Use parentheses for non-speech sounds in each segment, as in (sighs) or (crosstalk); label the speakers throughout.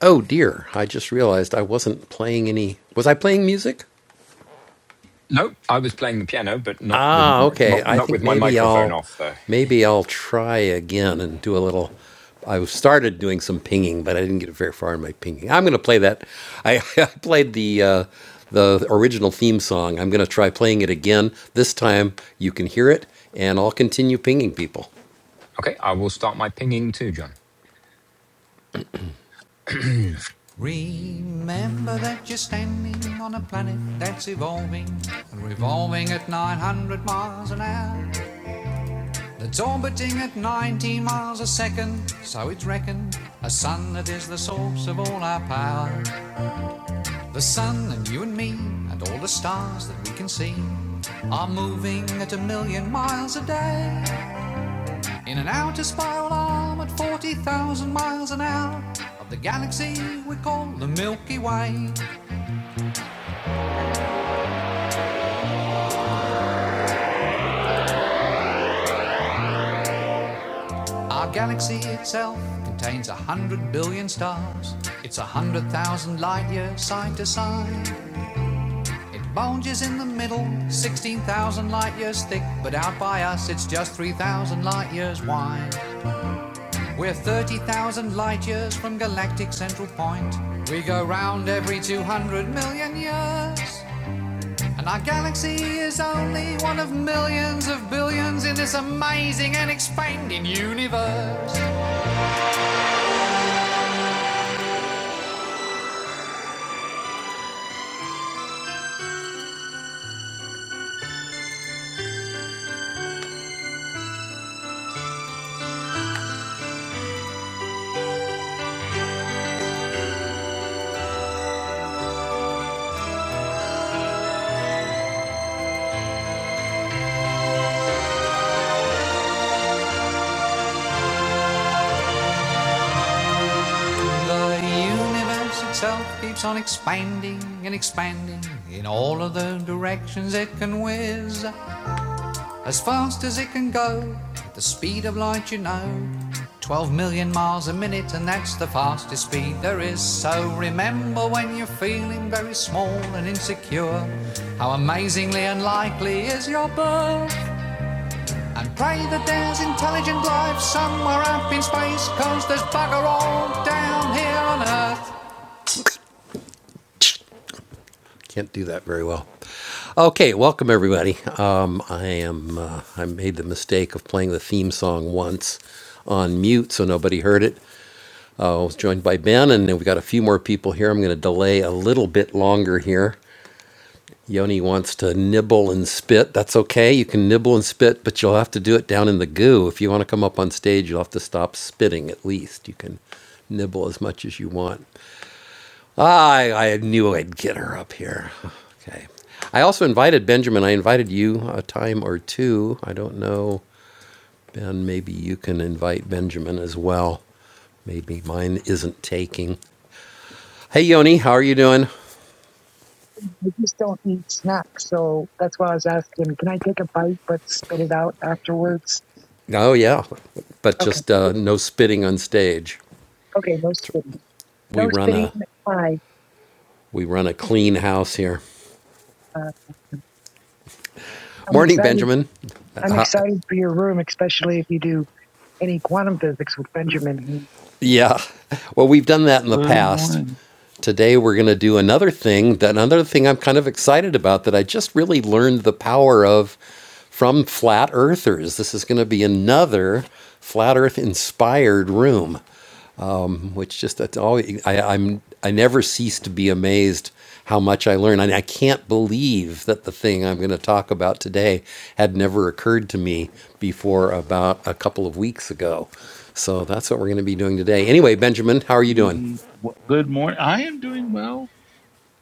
Speaker 1: Oh dear, I just realized I wasn't playing any. Was I playing music?
Speaker 2: No, I was playing the piano, but not with
Speaker 1: Ah,
Speaker 2: my,
Speaker 1: okay.
Speaker 2: mo-
Speaker 1: I
Speaker 2: not
Speaker 1: think
Speaker 2: with my
Speaker 1: maybe
Speaker 2: microphone
Speaker 1: I'll
Speaker 2: off though. (laughs)
Speaker 1: maybe I'll try again and do a little I started doing some pinging, but I didn't get very far in my pinging. I'm going to play that. I, (laughs) I played the uh, the original theme song. I'm going to try playing it again. This time you can hear it, and I'll continue pinging people.
Speaker 2: Okay, I will start my pinging too, John. (clears throat) Good
Speaker 1: Remember that you're standing on a planet that's evolving and revolving at 900 miles an hour. That's orbiting at 19 miles a second, so it's reckoned. A sun that is the source of all our power. The sun and you and me and all the stars that we can see are moving at a million miles a day in an outer spiral arm at 40,000 miles an hour of the galaxy we call the Milky Way. Our galaxy itself contains a hundred billion stars. It's a hundred thousand light years side to side. It bulges in the middle, 16,000 light years thick, but out by us it's just 3,000 light years wide. We're 30,000 light years from galactic central point. We go round every 200 million years. And our galaxy is only one of millions of billions in this amazing and expanding universe. The universe itself keeps on expanding and expanding in all of the directions it can whiz. As fast as it can go, at the speed of light, you know. 12 million miles a minute, and that's the fastest speed there is. So remember when you're feeling very small and insecure, how amazingly unlikely is your birth. And pray that there's intelligent life somewhere up in space, 'cause there's bugger all down here on Earth. Can't do that very well. Okay, welcome everybody. Um, I am. Uh, I made the mistake of playing the theme song once on mute, so nobody heard it. Uh, I was joined by Ben, and then we've got a few more people here. I'm going to delay a little bit longer here. Yoni wants to nibble and spit. That's okay. You can nibble and spit, but you'll have to do it down in the goo. If you want to come up on stage, you'll have to stop spitting at least. You can nibble as much as you want. I, I knew I'd get her up here. (sighs) Okay. I also invited Benjamin. I invited you a time or two. I don't know. Ben, maybe you can invite Benjamin as well. Maybe mine isn't taking. Hey, Yoni, how are you doing?
Speaker 3: I just don't eat snacks, so that's why I was asking, can I take a bite but spit it out afterwards?
Speaker 1: Oh, yeah. But
Speaker 3: Okay,
Speaker 1: just uh, no spitting on stage.
Speaker 3: okay, no spitting.
Speaker 1: We
Speaker 3: No
Speaker 1: run
Speaker 3: spitting.
Speaker 1: a
Speaker 3: Hi.
Speaker 1: we run a clean house here.
Speaker 3: Uh, I'm
Speaker 1: Morning,
Speaker 3: excited.
Speaker 1: Benjamin.
Speaker 3: I'm excited for your room, especially if you do any quantum physics with
Speaker 4: Good,
Speaker 3: Benjamin. He-
Speaker 1: Yeah. Well, we've done that in the
Speaker 4: good
Speaker 1: past.
Speaker 4: morning.
Speaker 1: Today we're going to do another thing. That another thing I'm kind of excited about that I just really learned the power of from flat earthers. This is going to be another flat earth inspired room um, which just that's always I, I'm I never cease to be amazed how much I learn. And I can't believe that the thing I'm going to talk about today had never occurred to me before about a couple of weeks ago. So that's what we're going to be doing today. Anyway, Benjamin, how are you doing?
Speaker 4: The- what- Good morning. I am doing well.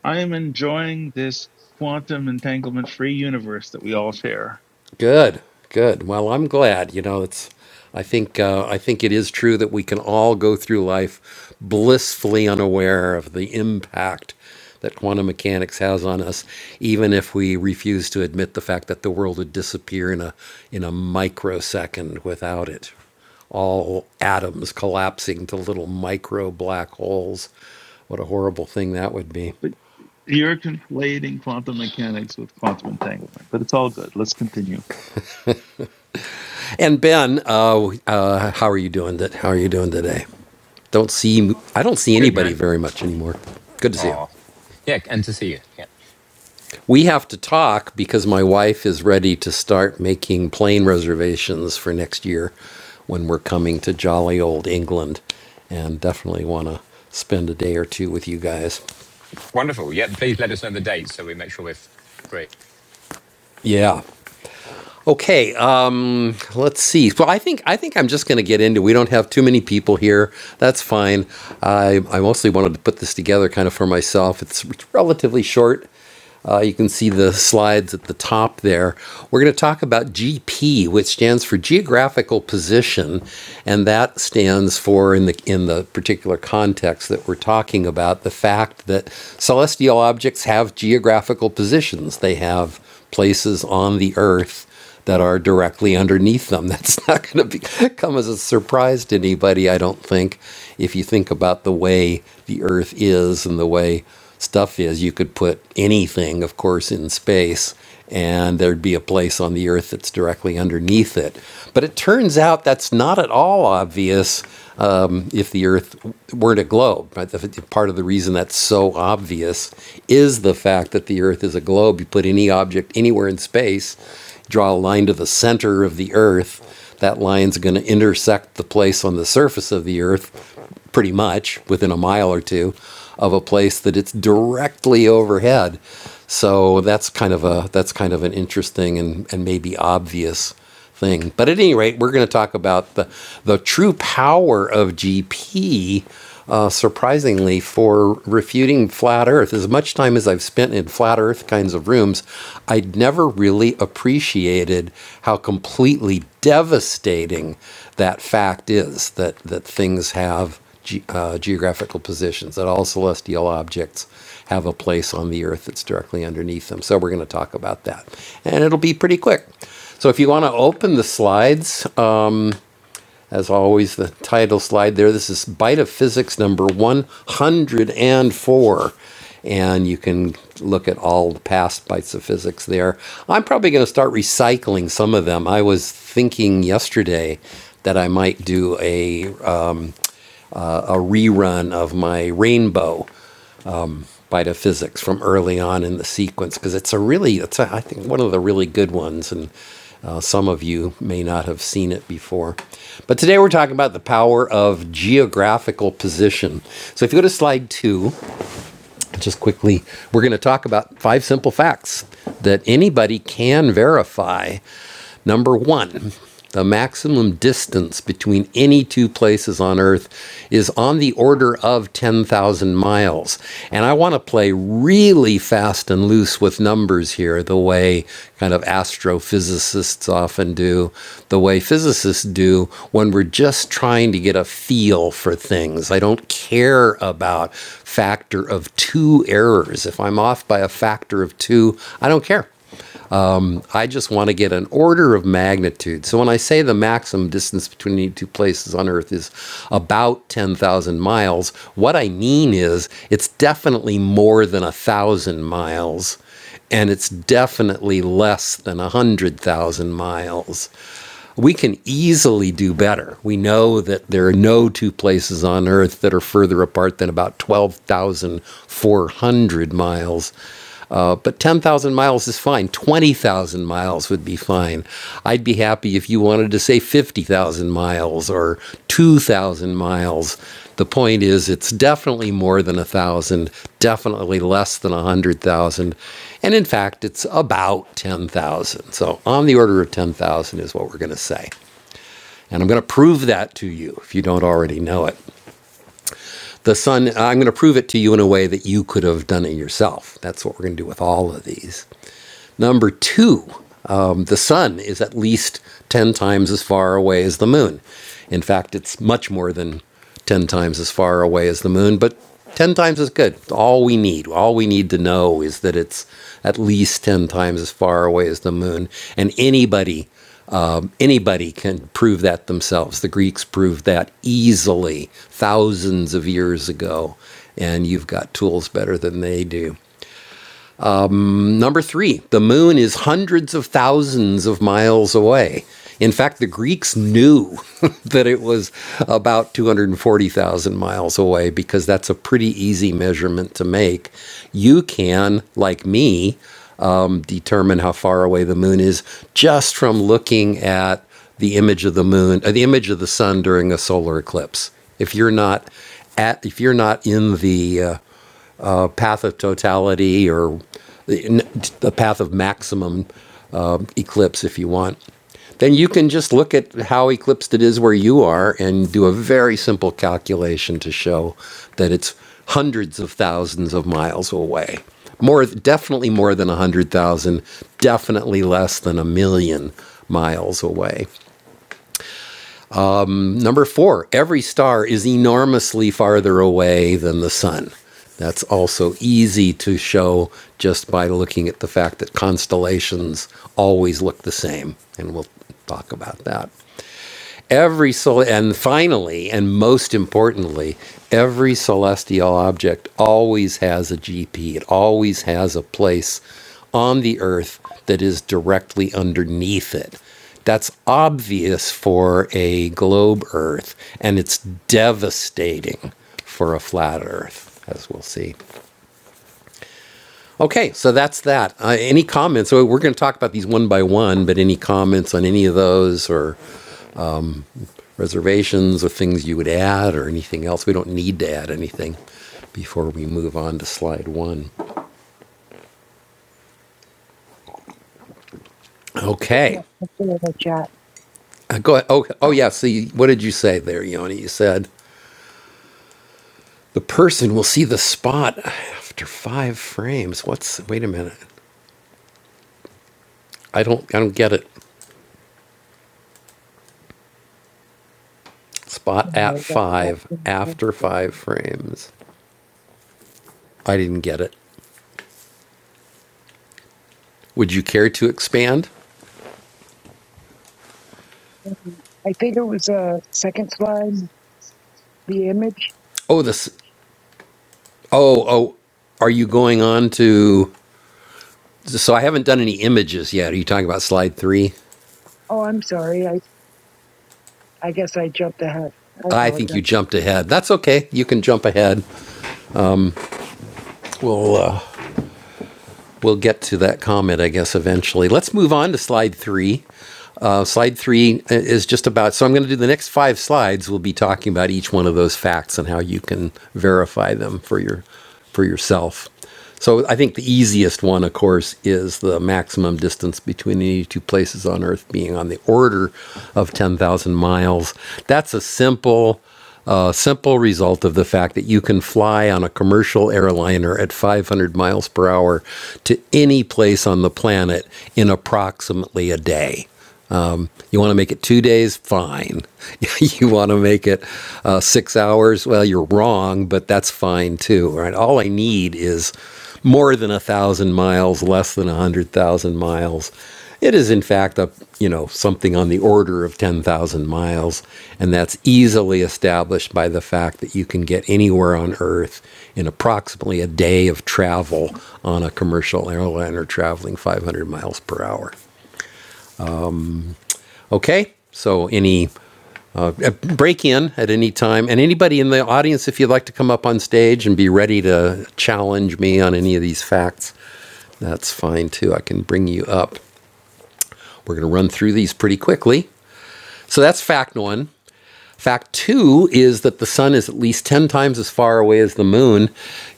Speaker 4: I am enjoying this quantum entanglement free universe that we all share.
Speaker 1: Good, good. Well, I'm glad. You know, it's. I think uh, I think it is true that we can all go through life blissfully unaware of the impact that quantum mechanics has on us, even if we refuse to admit the fact that the world would disappear in a in a microsecond without it. All atoms collapsing to little micro black holes. What a horrible thing that would be.
Speaker 4: But you're conflating quantum mechanics with quantum entanglement, but it's all good. Let's continue.
Speaker 1: And Ben, uh, uh, how are you doing? That how are you doing today? Don't see I don't see anybody
Speaker 2: man.
Speaker 1: very much anymore. Good to see you.
Speaker 2: Oh, yeah, and to see you. Yeah,
Speaker 1: We have to talk because my wife is ready to start making plane reservations for next year when we're coming to jolly old England and definitely want to spend a day or two with you guys.
Speaker 2: wonderful. Yeah, please let us know the date so we make sure we're free.
Speaker 1: Yeah. Okay, um, let's see. Well, I think I think I'm just going to get into. We don't have too many people here. That's fine. I I mostly wanted to put this together kind of for myself. It's relatively short. Uh, you can see the slides at the top there. We're going to talk about GP, which stands for geographical position, and that stands for in the in the particular context that we're talking about the fact that celestial objects have geographical positions. They have places on the Earth that are directly underneath them. (laughs) That's not going to come as a surprise to anybody, I don't think. If you think about the way the Earth is and the way stuff is, you could put anything, of course, in space, and there'd be a place on the Earth that's directly underneath it. But it turns out that's not at all obvious um, if the Earth weren't a globe. Right? Part of the reason that's so obvious is the fact that the Earth is a globe. You put any object anywhere in space, draw a line to the center of the Earth, that line's going to intersect the place on the surface of the Earth pretty much within a mile or two of a place that it's directly overhead. So that's kind of a that's kind of an interesting and, and maybe obvious thing. But at any rate, we're going to talk about the the true power of GP. Uh, surprisingly, for refuting flat Earth, as much time as I've spent in flat Earth kinds of rooms, I'd never really appreciated how completely devastating that fact is that that things have ge- uh, geographical positions, that all celestial objects have a place on the earth that's directly underneath them. So we're going to talk about that. And it'll be pretty quick. So if you want to open the slides, um, as always, the title slide there, this is Bite of Physics number 104. And you can look at all the past bites of physics there. I'm probably going to start recycling some of them. I was thinking yesterday that I might do a a rerun of my Rainbow Bite of Physics from early on in the sequence because it's a really, it's a, I think one of the really good ones, and uh, some of you may not have seen it before. But today we're talking about the power of geographical position. So if you go to slide two, just quickly, we're going to talk about five simple facts that anybody can verify Number one, the maximum distance between any two places on Earth is on the order of 10,000 miles. And I want to play really fast and loose with numbers here, the way kind of astrophysicists often do, the way physicists do when we're just trying to get a feel for things. I don't care about factor of two errors. If I'm off by a factor of two, I don't care. Um, I just want to get an order of magnitude. So when I say the maximum distance between the two places on Earth is about 10,000 miles, what I mean is it's definitely more than a thousand miles, and it's definitely less than a hundred thousand miles we can easily do better. We know that there are no two places on Earth that are further apart than about 12,400 miles. Uh, but 10,000 miles is fine. 20,000 miles would be fine. I'd be happy if you wanted to say 50,000 miles or 2,000 miles. The point is, it's definitely more than a thousand, definitely less than a hundred thousand, and in fact, it's about ten thousand. So, on the order of ten thousand is what we're going to say, and I'm going to prove that to you if you don't already know it. The sun, I'm going to prove it to you in a way that you could have done it yourself. That's what we're going to do with all of these. Number two, um, the sun is at least 10 times as far away as the moon. In fact, it's much more than 10 times as far away as the moon, but 10 times is good. All we need, all we need to know is that it's at least 10 times as far away as the moon. And anybody, um, anybody can prove that themselves. The Greeks proved that easily thousands of years ago, and you've got tools better than they do. Um, number three, the moon is hundreds of thousands of miles away. In fact, the Greeks knew (laughs) that it was about 240,000 miles away because that's a pretty easy measurement to make. You can, like me, um, determine how far away the moon is just from looking at the image of the moon, uh, the image of the sun during a solar eclipse. If you're not at, if you're not in the uh, uh, path of totality or the, the path of maximum uh, eclipse, if you want, then you can just look at how eclipsed it is where you are and do a very simple calculation to show that it's hundreds of thousands of miles away. More, definitely more than 100,000, definitely less than a million miles away number four, every star is enormously farther away than the sun. That's also easy to show just by looking at the fact that constellations always look the same. And we'll talk about that every sol- and finally and most importantly every celestial object always has a gp it always has a place on the earth that is directly underneath it that's obvious for a globe earth and it's devastating for a flat earth as we'll see okay so that's that uh, any comments so we're going to talk about these one by one but any comments on any of those or reservations or things you would add or anything else. We don't need to add anything before we move on to slide one. Okay.
Speaker 3: I feel in the chat.
Speaker 1: Uh, Go ahead. Oh, oh yeah. See, what did you say there, Yoni? You said the person will see the spot after five frames. What's? Wait a minute. I don't. I don't get it. Spot
Speaker 3: I don't
Speaker 1: at
Speaker 3: know, that- that's
Speaker 1: five
Speaker 3: been
Speaker 1: after
Speaker 3: wonderful.
Speaker 1: five frames. I didn't get it. Would you care to expand?
Speaker 3: I think it was uh, second slide, the image.
Speaker 1: Oh, this. Oh, oh. Are you going on to? So I haven't done any images yet. Are you talking about slide three?
Speaker 3: Oh, I'm sorry. I, I guess I jumped ahead. I
Speaker 1: I think you
Speaker 3: apologize.
Speaker 1: jumped ahead. That's okay. You can jump ahead. We'll uh, We'll get to that comment, I guess, eventually. Let's move on to slide three. Uh, slide three is just about, so I'm going to do the next five slides. We'll be talking about each one of those facts and how you can verify them for your for yourself. So I think the easiest one, of course, is the maximum distance between any two places on Earth being on the order of 10,000 miles. That's a simple a simple result of the fact that you can fly on a commercial airliner at 500 miles per hour to any place on the planet in approximately a day. Um, You want to make it two days? Fine. (laughs) you want to make it uh, six hours? Well, you're wrong, but that's fine too, right? All I need is more than a thousand miles, less than a hundred thousand miles. It is, in fact, a you know something on the order of ten thousand miles, and that's easily established by the fact that you can get anywhere on Earth in approximately a day of travel on a commercial airliner traveling 500 miles per hour. Okay, so any uh, uh, break in at any time. And anybody in the audience, if you'd like to come up on stage and be ready to challenge me on any of these facts, that's fine too. I can bring you up. We're going to run through these pretty quickly. So that's fact one. Fact two is that the sun is at least 10 times as far away as the moon.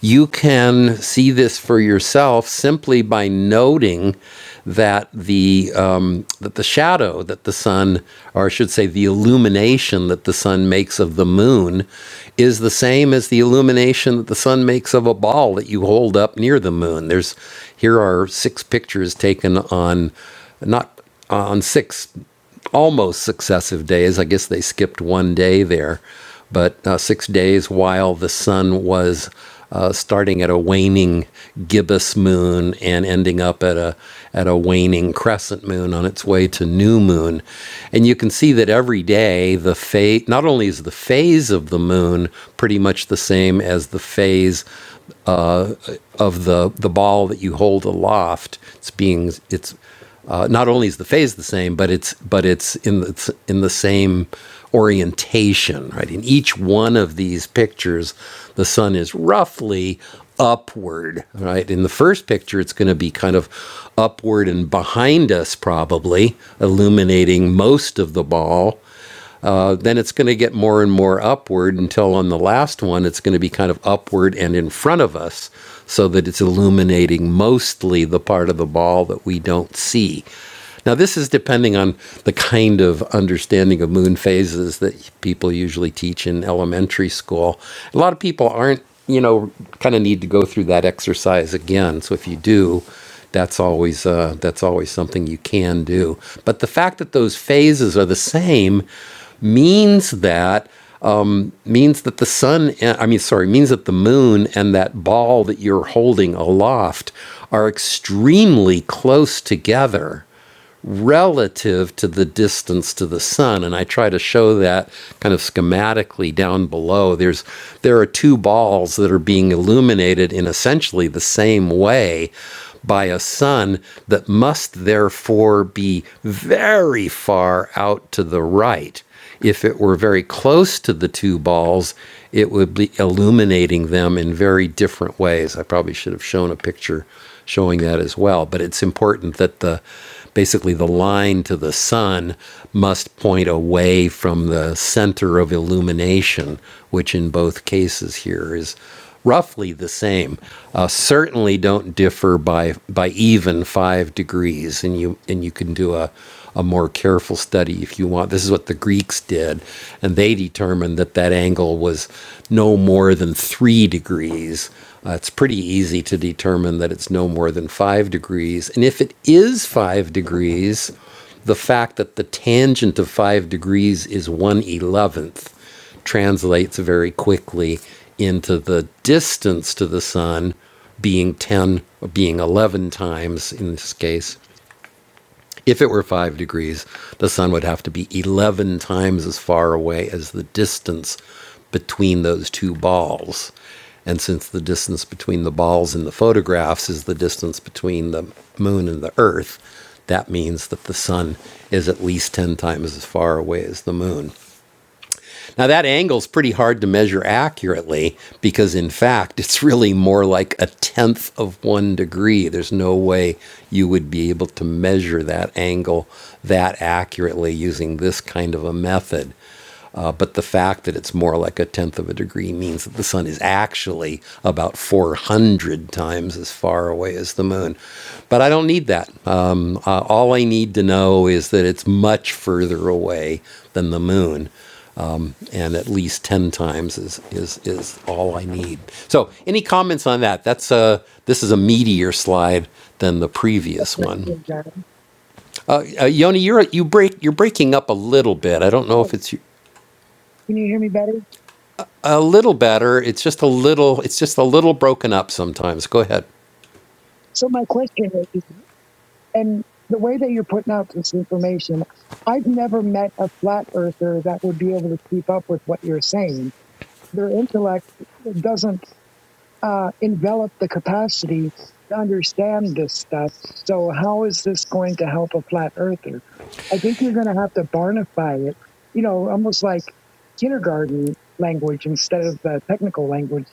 Speaker 1: You can see this for yourself simply by noting that the um, that the shadow that the sun, or I should say, the illumination that the sun makes of the moon, is the same as the illumination that the sun makes of a ball that you hold up near the moon. There's here are six pictures taken on, not on six almost successive days. I guess they skipped one day there, but uh, six days while the sun was uh, starting at a waning gibbous moon and ending up at a at a waning crescent moon on its way to new moon, and you can see that every day the phase not only is the phase of the moon pretty much the same as the phase uh, of the the ball that you hold aloft. It's being it's uh, not only is the phase the same, but it's but it's in the, it's in the same orientation, right? In each one of these pictures, the sun is roughly upward, right? In the first picture, it's going to be kind of upward and behind us, probably illuminating most of the ball, uh, then it's going to get more and more upward until on the last one, it's going to be kind of upward and in front of us so that it's illuminating mostly the part of the ball that we don't see. Now, this is depending on the kind of understanding of moon phases that people usually teach in elementary school. A lot of people aren't you know, kind of need to go through that exercise again. So if you do, that's always uh, that's always something you can do. But the fact that those phases are the same means that um, means that the sun, I mean, sorry, means that the moon and that ball that you're holding aloft are extremely close together relative to the distance to the sun and i try to show that kind of schematically down below there's there are two balls that are being illuminated in essentially the same way by a sun that must therefore be very far out to the right if it were very close to the two balls, it would be illuminating them in very different ways. I probably should have shown a picture showing that as well, but it's important that the basically the line to the sun must point away from the center of illumination, which in both cases here is roughly the same. Uh, certainly don't differ by by even five degrees, and you and you can do a a more careful study if you want. This is what the Greeks did, and they determined that that angle was no more than three degrees. Uh, it's pretty easy to determine that it's no more than five degrees, and if it is five degrees, the fact that the tangent of five degrees is one eleventh translates very quickly into the distance to the sun being 10 being 11 times in this case if it were 5 degrees the sun would have to be 11 times as far away as the distance between those two balls and since the distance between the balls in the photographs is the distance between the moon and the earth that means that the sun is at least 10 times as far away as the moon now, that angle's pretty hard to measure accurately because, in fact, it's really more like a tenth of one degree. There's no way you would be able to measure that angle that accurately using this kind of a method. Uh, but the fact that it's more like a tenth of a degree means that the sun is actually about 400 times as far away as the moon. But I don't need that. Um, uh, all I need to know is that it's much further away than the moon and at least 10 times is is is all I need. So, any comments on that? That's uh this is a meatier slide than the
Speaker 3: That's
Speaker 1: previous
Speaker 3: my
Speaker 1: one.
Speaker 3: skin, Adam.
Speaker 1: Uh, uh, Yoni, you're you break you're breaking up a little bit. I don't know
Speaker 3: Oh,
Speaker 1: if it's a
Speaker 3: can you hear me better?
Speaker 1: little better. It's just a little it's just a little broken up sometimes. Go ahead.
Speaker 3: So my question is. and the way that you're putting out this information, I've never met a flat earther that would be able to keep up with what you're saying. Their intellect doesn't uh, envelop the capacity to understand this stuff. So how is this going to help a flat earther? I think you're going to have to barnify it, you know, almost like kindergarten language instead of the technical language.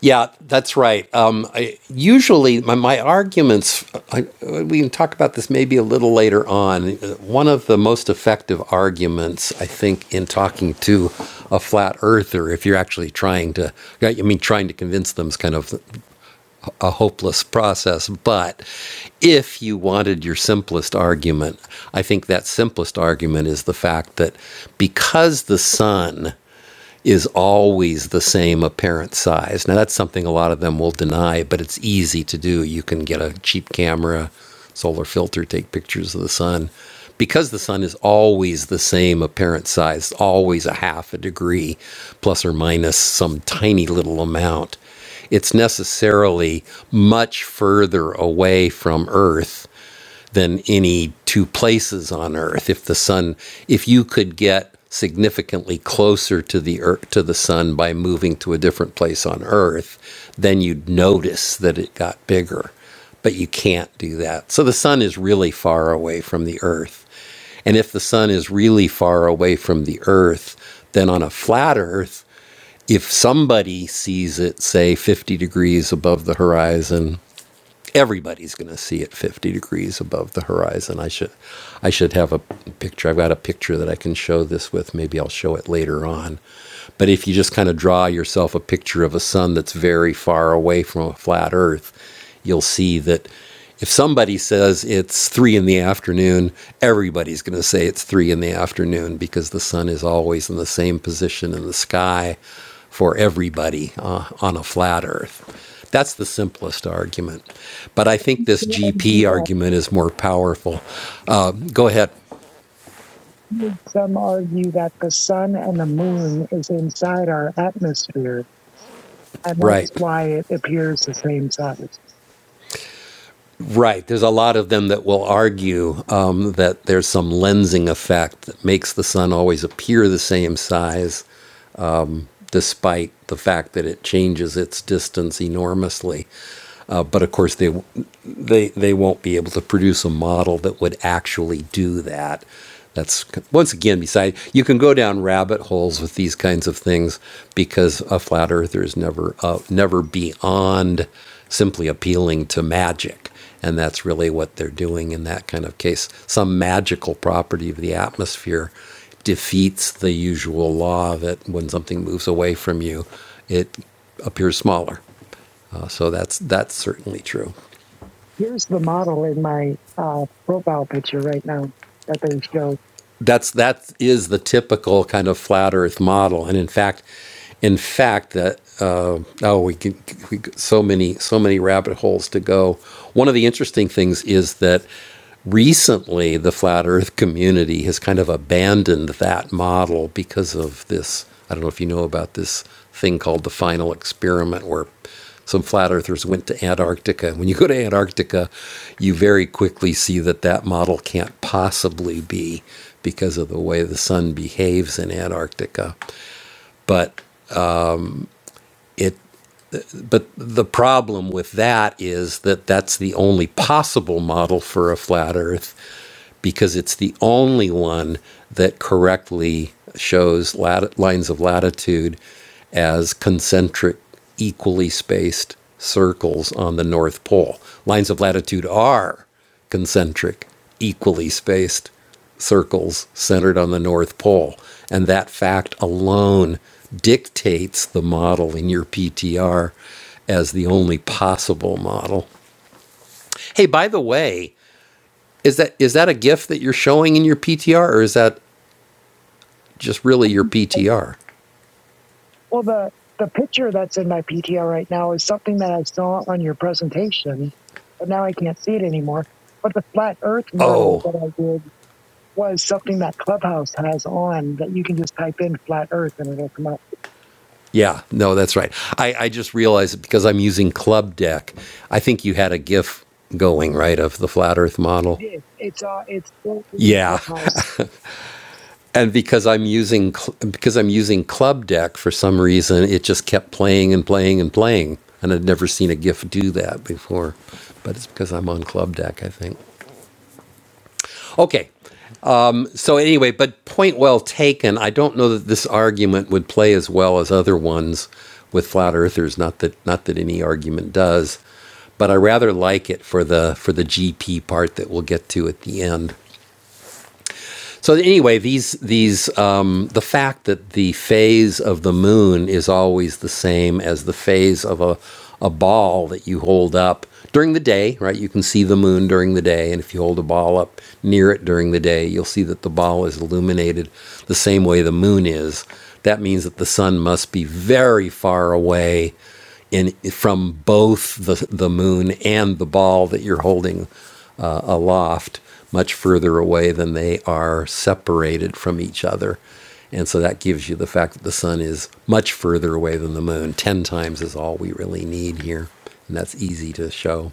Speaker 1: Yeah, that's right. Um, I, usually, my, my arguments, I, we can talk about this maybe a little later on. Uh, One of the most effective arguments, I think, in talking to a flat earther, if you're actually trying to, yeah, I mean, trying to convince them is kind of a hopeless process. But if you wanted your simplest argument, I think that simplest argument is the fact that because the sun is always the same apparent size. Now, that's something a lot of them will deny, but it's easy to do. You can get a cheap camera, solar filter, take pictures of the sun. Because the sun is always the same apparent size, always a half a degree, plus or minus some tiny little amount, it's necessarily much further away from Earth than any two places on Earth. If the sun, if you could get significantly closer to the earth, to the sun by moving to a different place on Earth, then you'd notice that it got bigger. But you can't do that. So the sun is really far away from the Earth. And if the sun is really far away from the earth, then on a flat earth, if somebody sees it, say 50 degrees above the horizon, everybody's going to see it 50 degrees above the horizon. I should I should have a picture. I've got a picture that I can show this with. Maybe I'll show it later on. But if you just kind of draw yourself a picture of a sun that's very far away from a flat earth, you'll see that if somebody says it's three in the afternoon, everybody's going to say it's three in the afternoon because the sun is always in the same position in the sky for everybody uh, on a flat earth. That's the simplest argument. But I think this
Speaker 3: They argue
Speaker 1: GP
Speaker 3: that-
Speaker 1: argument is more powerful. Uh, go ahead.
Speaker 3: Some argue that the sun and the moon is inside our atmosphere and
Speaker 1: Right.
Speaker 3: that's why it appears the same size.
Speaker 1: Right. There's a lot of them that will argue um, that there's some lensing effect that makes the sun always appear the same size despite the fact that it changes its distance enormously. Uh, but of course, they they they won't be able to produce a model that would actually do that. That's once again beside you can go down rabbit holes with these kinds of things because a flat earther is never uh, never beyond simply appealing to magic, and that's really what they're doing in that kind of case. Some magical property of the atmosphere defeats the usual law that when something moves away from you, it appears smaller. Uh, so that's that's certainly true.
Speaker 3: Here's the model in my uh, profile picture right now that they show.
Speaker 1: that's that is the typical kind of flat Earth model, and in fact, in fact, that uh, oh, we can we, so many so many rabbit holes to go. One of the interesting things is that recently the flat Earth community has kind of abandoned that model because of this. I don't know if you know about this thing called the final experiment, where some flat earthers went to Antarctica. And when you go to Antarctica, you very quickly see that that model can't possibly be because of the way the sun behaves in Antarctica. But it but the problem with that is that that's the only possible model for a flat earth because it's the only one that correctly shows lat- lines of latitude as concentric, equally spaced circles on the North Pole. Lines of latitude are concentric, equally spaced circles centered on the North Pole. And that fact alone dictates the model in your PTR as the only possible model. Hey, by the way, is that is that a GIF that you're showing in your PTR, or is that just really your PTR?
Speaker 3: Well, the the picture that's in my PTR right now is something that I saw on your presentation, but now I can't see it anymore. But the flat Earth model
Speaker 1: Oh,
Speaker 3: that I did was something that Clubhouse has on that you can just type in flat Earth and it'll come up.
Speaker 1: yeah, no, that's right. I, I just realized it because I'm using Club Deck. I think you had a GIF going right of the flat Earth
Speaker 3: I
Speaker 1: model.
Speaker 3: did. It's uh, it's built into
Speaker 1: Yeah,
Speaker 3: Clubhouse.
Speaker 1: and because I'm using because I'm using Club Deck for some reason, it just kept playing and playing and playing, and I'd never seen a GIF do that before. But it's because I'm on Club Deck, I think. Okay, Um, so anyway, but point well taken. I don't know that this argument would play as well as other ones with flat earthers. Not that not that any argument does, but I rather like it for the for the GP part that we'll get to at the end. So anyway, these these um, the fact that the phase of the moon is always the same as the phase of a a ball that you hold up during the day, right? You can see the moon during the day, and if you hold a ball up near it during the day, you'll see that the ball is illuminated the same way the moon is. That means that the sun must be very far away in from both the the moon and the ball that you're holding uh, aloft much further away than they are separated from each other. And so that gives you the fact that the sun is much further away than the moon. 10 times is all we really need here. And that's easy to show.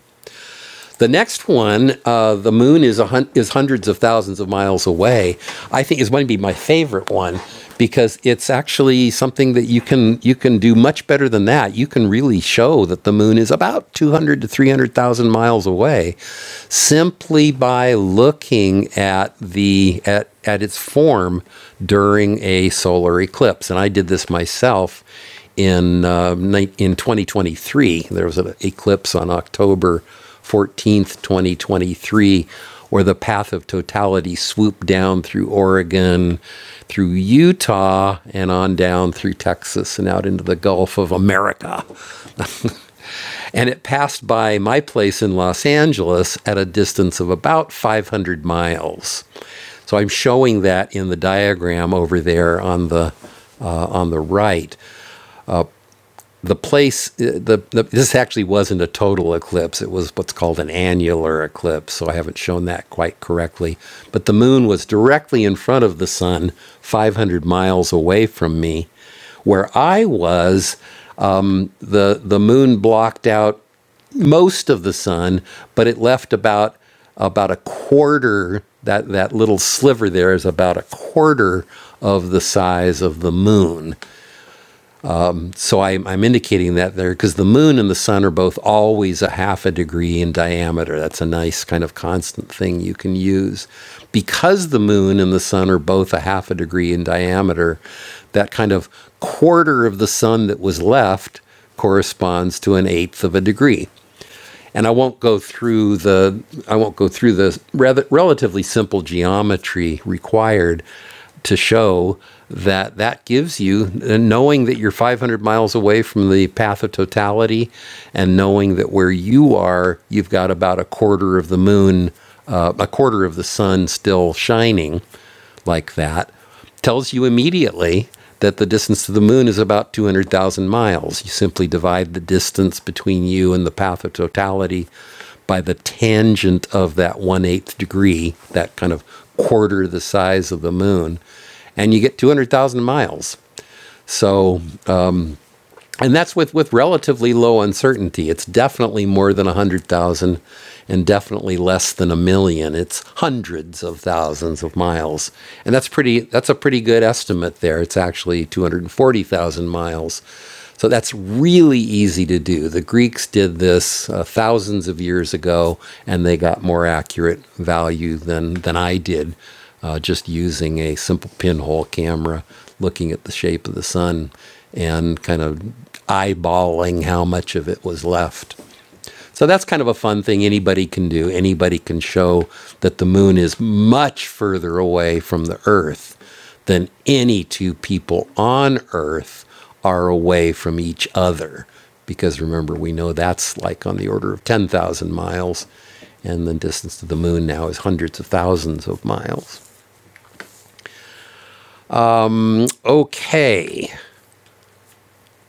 Speaker 1: The next one, uh, the moon is a hun- is hundreds of thousands of miles away. I think is going to be my favorite one because it's actually something that you can you can do much better than that. You can really show that the moon is about 200 to 300,000 miles away simply by looking at the at, at its form during a solar eclipse. And I did this myself in uh, in 2023. There was an eclipse on October 14th, 2023, where the path of totality swooped down through Oregon, through Utah, and on down through Texas and out into the Gulf of America. (laughs) and it passed by my place in Los Angeles at a distance of about 500 miles. So I'm showing that in the diagram over there on the uh, on the right the place uh, the, the this actually wasn't a total eclipse it was what's called an annular eclipse so i haven't shown that quite correctly but the moon was directly in front of the sun 500 miles away from me where i was um, the the moon blocked out most of the sun but it left about about a quarter that that little sliver there is about a quarter of the size of the moon so I'm, I'm indicating that there because the moon and the sun are both always a half a degree in diameter. That's a nice kind of constant thing you can use. Because the moon and the sun are both a half a degree in diameter, that kind of quarter of the sun that was left corresponds to an eighth of a degree and I won't go through the I won't go through the rather, relatively simple geometry required to show that that gives you knowing that you're 500 miles away from the path of totality and knowing that where you are you've got about a quarter of the moon uh, a quarter of the sun still shining like that tells you immediately that the distance to the moon is about 200,000 miles. You simply divide the distance between you and the path of totality by the tangent of that one eighth degree, that kind of quarter the size of the moon, and you get 200,000 miles. So and that's with with relatively low uncertainty. It's definitely more than a hundred thousand, and definitely less than a million. It's hundreds of thousands of miles, and that's pretty. That's a pretty good estimate there. It's actually two hundred and forty thousand miles. So that's really easy to do. The Greeks did this uh, thousands of years ago, and they got more accurate value than than I did, uh, just using a simple pinhole camera, looking at the shape of the sun and kind of eyeballing how much of it was left. So that's kind of a fun thing anybody can do. Anybody can show that the moon is much further away from the earth than any two people on earth are away from each other. Because remember, we know that's like on the order of 10,000 miles, and the distance to the moon now is hundreds of thousands of miles. Okay.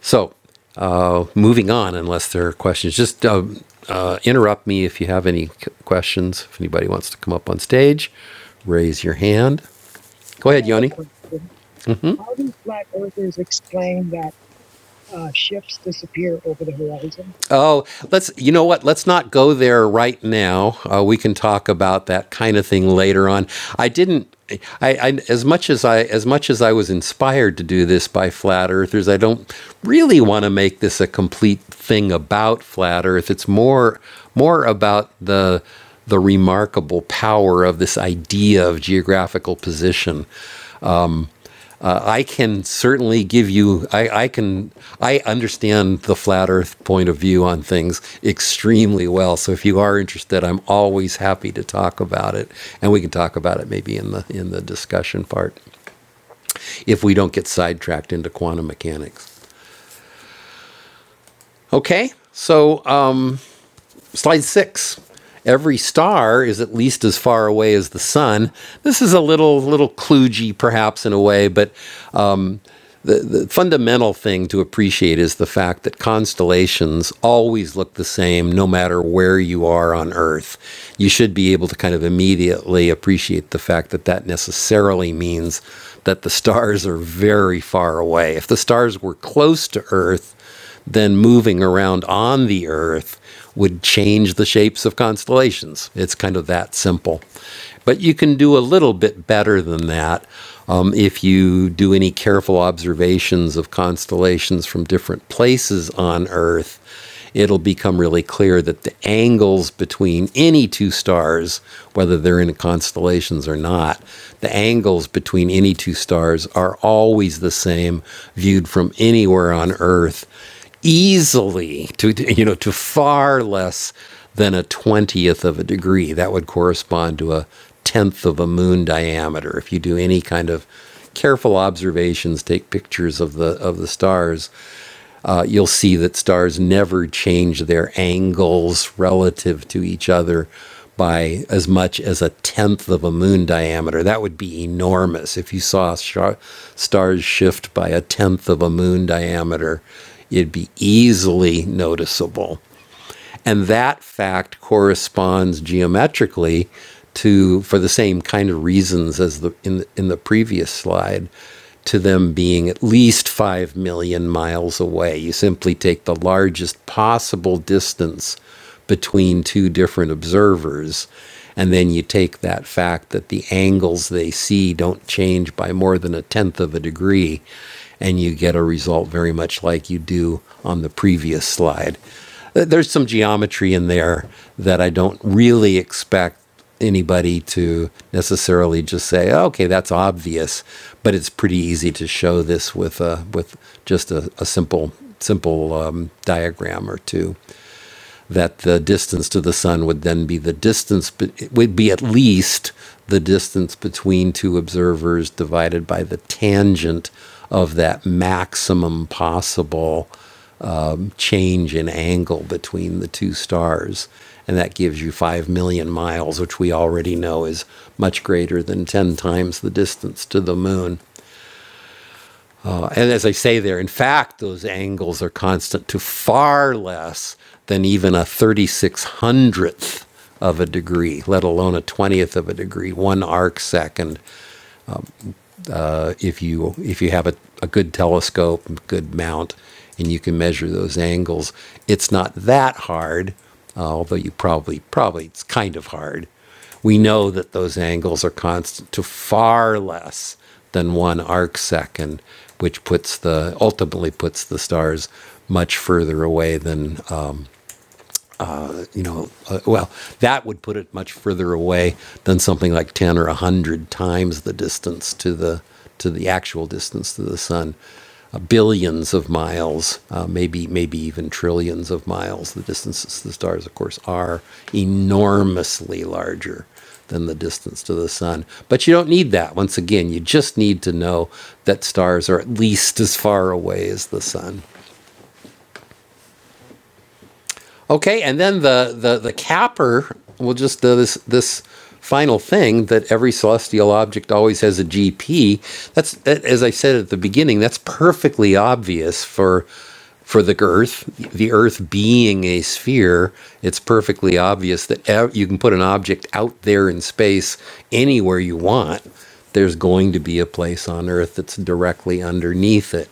Speaker 1: So, uh, moving on, unless there are questions, just uh, uh, interrupt me if you have any questions. If anybody wants to come up on stage, raise your hand. Go
Speaker 3: I
Speaker 1: ahead,
Speaker 3: have a
Speaker 1: Yoni.
Speaker 3: question. How do flat earthers explain that? uh, ships disappear over the horizon.
Speaker 1: Oh, let's. You know what? Let's not go there right now. Uh, we can talk about that kind of thing later on. I didn't. I, I as much as I as much as I was inspired to do this by flat earthers, I don't really want to make this a complete thing about flat Earth. It's more more about the the remarkable power of this idea of geographical position uh, I can certainly give you. I, I can. I understand the flat Earth point of view on things extremely well. So if you are interested, I'm always happy to talk about it, and we can talk about it maybe in the in the discussion part if we don't get sidetracked into quantum mechanics. Okay. So um, slide six. Every star is at least as far away as the sun. This is a little little kludgy, perhaps in a way, but the, the fundamental thing to appreciate is the fact that constellations always look the same no matter where you are on Earth. You should be able to kind of immediately appreciate the fact that that necessarily means that the stars are very far away. If the stars were close to Earth, then moving around on the Earth would change the shapes of constellations. It's kind of that simple. But you can do a little bit better than that um, if you do any careful observations of constellations from different places on Earth it'll become really clear that the angles between any two stars, whether they're in constellations or not, the angles between any two stars are always the same, viewed from anywhere on Earth, easily to you know to far less than a twentieth of a degree. That would correspond to a tenth of a moon diameter. If you do any kind of careful observations, take pictures of the of the stars, uh, you'll see that stars never change their angles relative to each other by as much as a tenth of a moon diameter. That would be enormous. If you saw sha- stars shift by a tenth of a moon diameter, it'd be easily noticeable. And that fact corresponds geometrically to, for the same kind of reasons as the in the, in the previous slide, to them being at least 5 million miles away. You simply take the largest possible distance between two different observers. And then you take that fact that the angles they see don't change by more than a tenth of a degree, and you get a result very much like you do on the previous slide. Uh, There's some geometry in there that I don't really expect anybody to necessarily just say, "Oh, okay, that's obvious, but it's pretty easy to show this with a, with just a, a simple simple um, diagram or two that the distance to the sun would then be the distance, be- it would be at least the distance between two observers divided by the tangent of that maximum possible um, change in angle between the two stars. And that gives you 5 million miles, which we already know is much greater than 10 times the distance to the moon. Uh, and as I say there, in fact, those angles are constant to far less than even a 36 hundredth of a degree, let alone a 20th of a degree, one arc second uh, if you if you have a, a good telescope, and good mount, and you can measure those angles. It's not that hard, uh, although you probably probably it's kind of hard. We know that those angles are constant to far less than one arc second, which puts the ultimately puts the stars much further away than uh, you know, uh, well, that would put it much further away than something like 10 or 100 times the distance to the to the actual distance to the sun. Uh, billions of miles, uh, maybe maybe even trillions of miles. The distances to the stars, of course, are enormously larger than the distance to the sun. But you don't need that. Once again, you just need to know that stars are at least as far away as the sun. Okay, and then the the the capper will just do this this final thing that every celestial object always has a GP. That's that, as I said at the beginning. That's perfectly obvious for for the Earth. The Earth being a sphere, it's perfectly obvious that ev- you can put an object out there in space anywhere you want. There's going to be a place on Earth that's directly underneath it.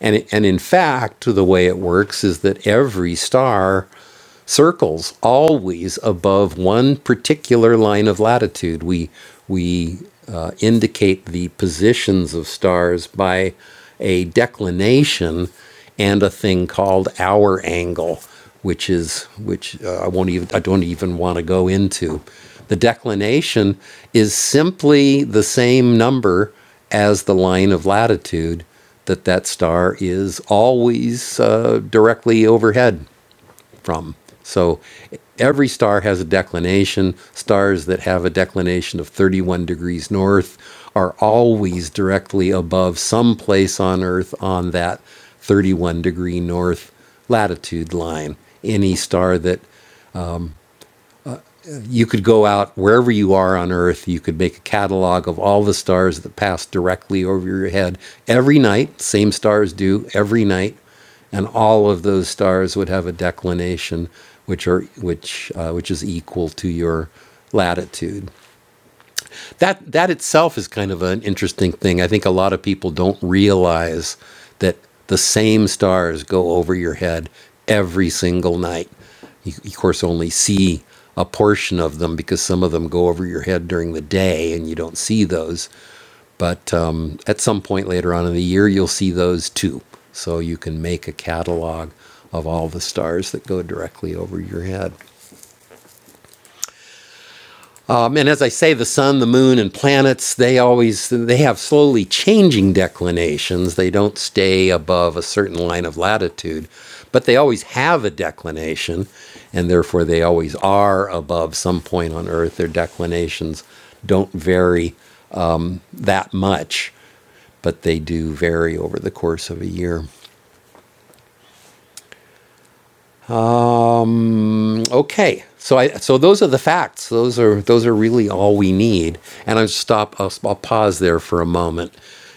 Speaker 1: And, it, and in fact, the way it works is that every star circles always above one particular line of latitude. We we uh, indicate the positions of stars by a declination and a thing called hour angle, which is which uh, I won't even I don't even want to go into. The declination is simply the same number as the line of latitude that that star is always uh, directly overhead from. So every star has a declination. Stars that have a declination of 31 degrees north are always directly above some place on Earth on that 31 degree north latitude line. Any star that you could go out wherever you are on Earth. You could make a catalog of all the stars that pass directly over your head every night. Same stars do every night, and all of those stars would have a declination, which are which uh, which is equal to your latitude that that itself is kind of an interesting thing. I think a lot of people don't realize that the same stars go over your head every single night. You, of course, only see a portion of them because some of them go over your head during the day and you don't see those. But um, at some point later on in the year, you'll see those too. So you can make a catalog of all the stars that go directly over your head. Um, and as I say, the sun, the moon, and planets, they always they have slowly changing declinations. They don't stay above a certain line of latitude, but they always have a declination, and therefore they always are above some point on Earth. Their declinations don't vary that much, but they do vary over the course of a year. Um, okay, so I so those are the facts. Those are those are really all we need. And I'll stop. I'll, I'll pause there for a moment,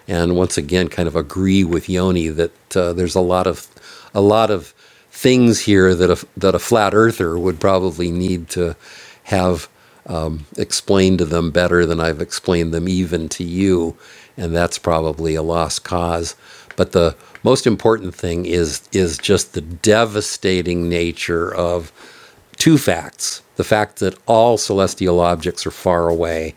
Speaker 1: and once again, kind of agree with Yoni that uh, there's a lot of a lot of things here that a that a flat earther would probably need to have um, explain to them better than I've explained them even to you, and that's probably a lost cause. But the most important thing is is just the devastating nature of two facts: the fact that all celestial objects are far away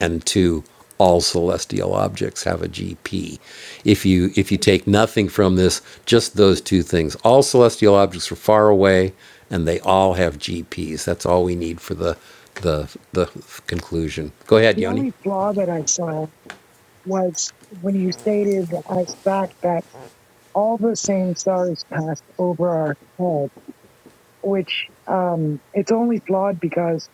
Speaker 1: and two all celestial objects have a gp if you if you take nothing from this just those two things all celestial objects are far away and they all have gps that's all we need for the the the conclusion go ahead
Speaker 3: The
Speaker 1: yoni
Speaker 3: only flaw that I saw was when you stated as fact that all the same stars passed over our head, which um, it's only flawed because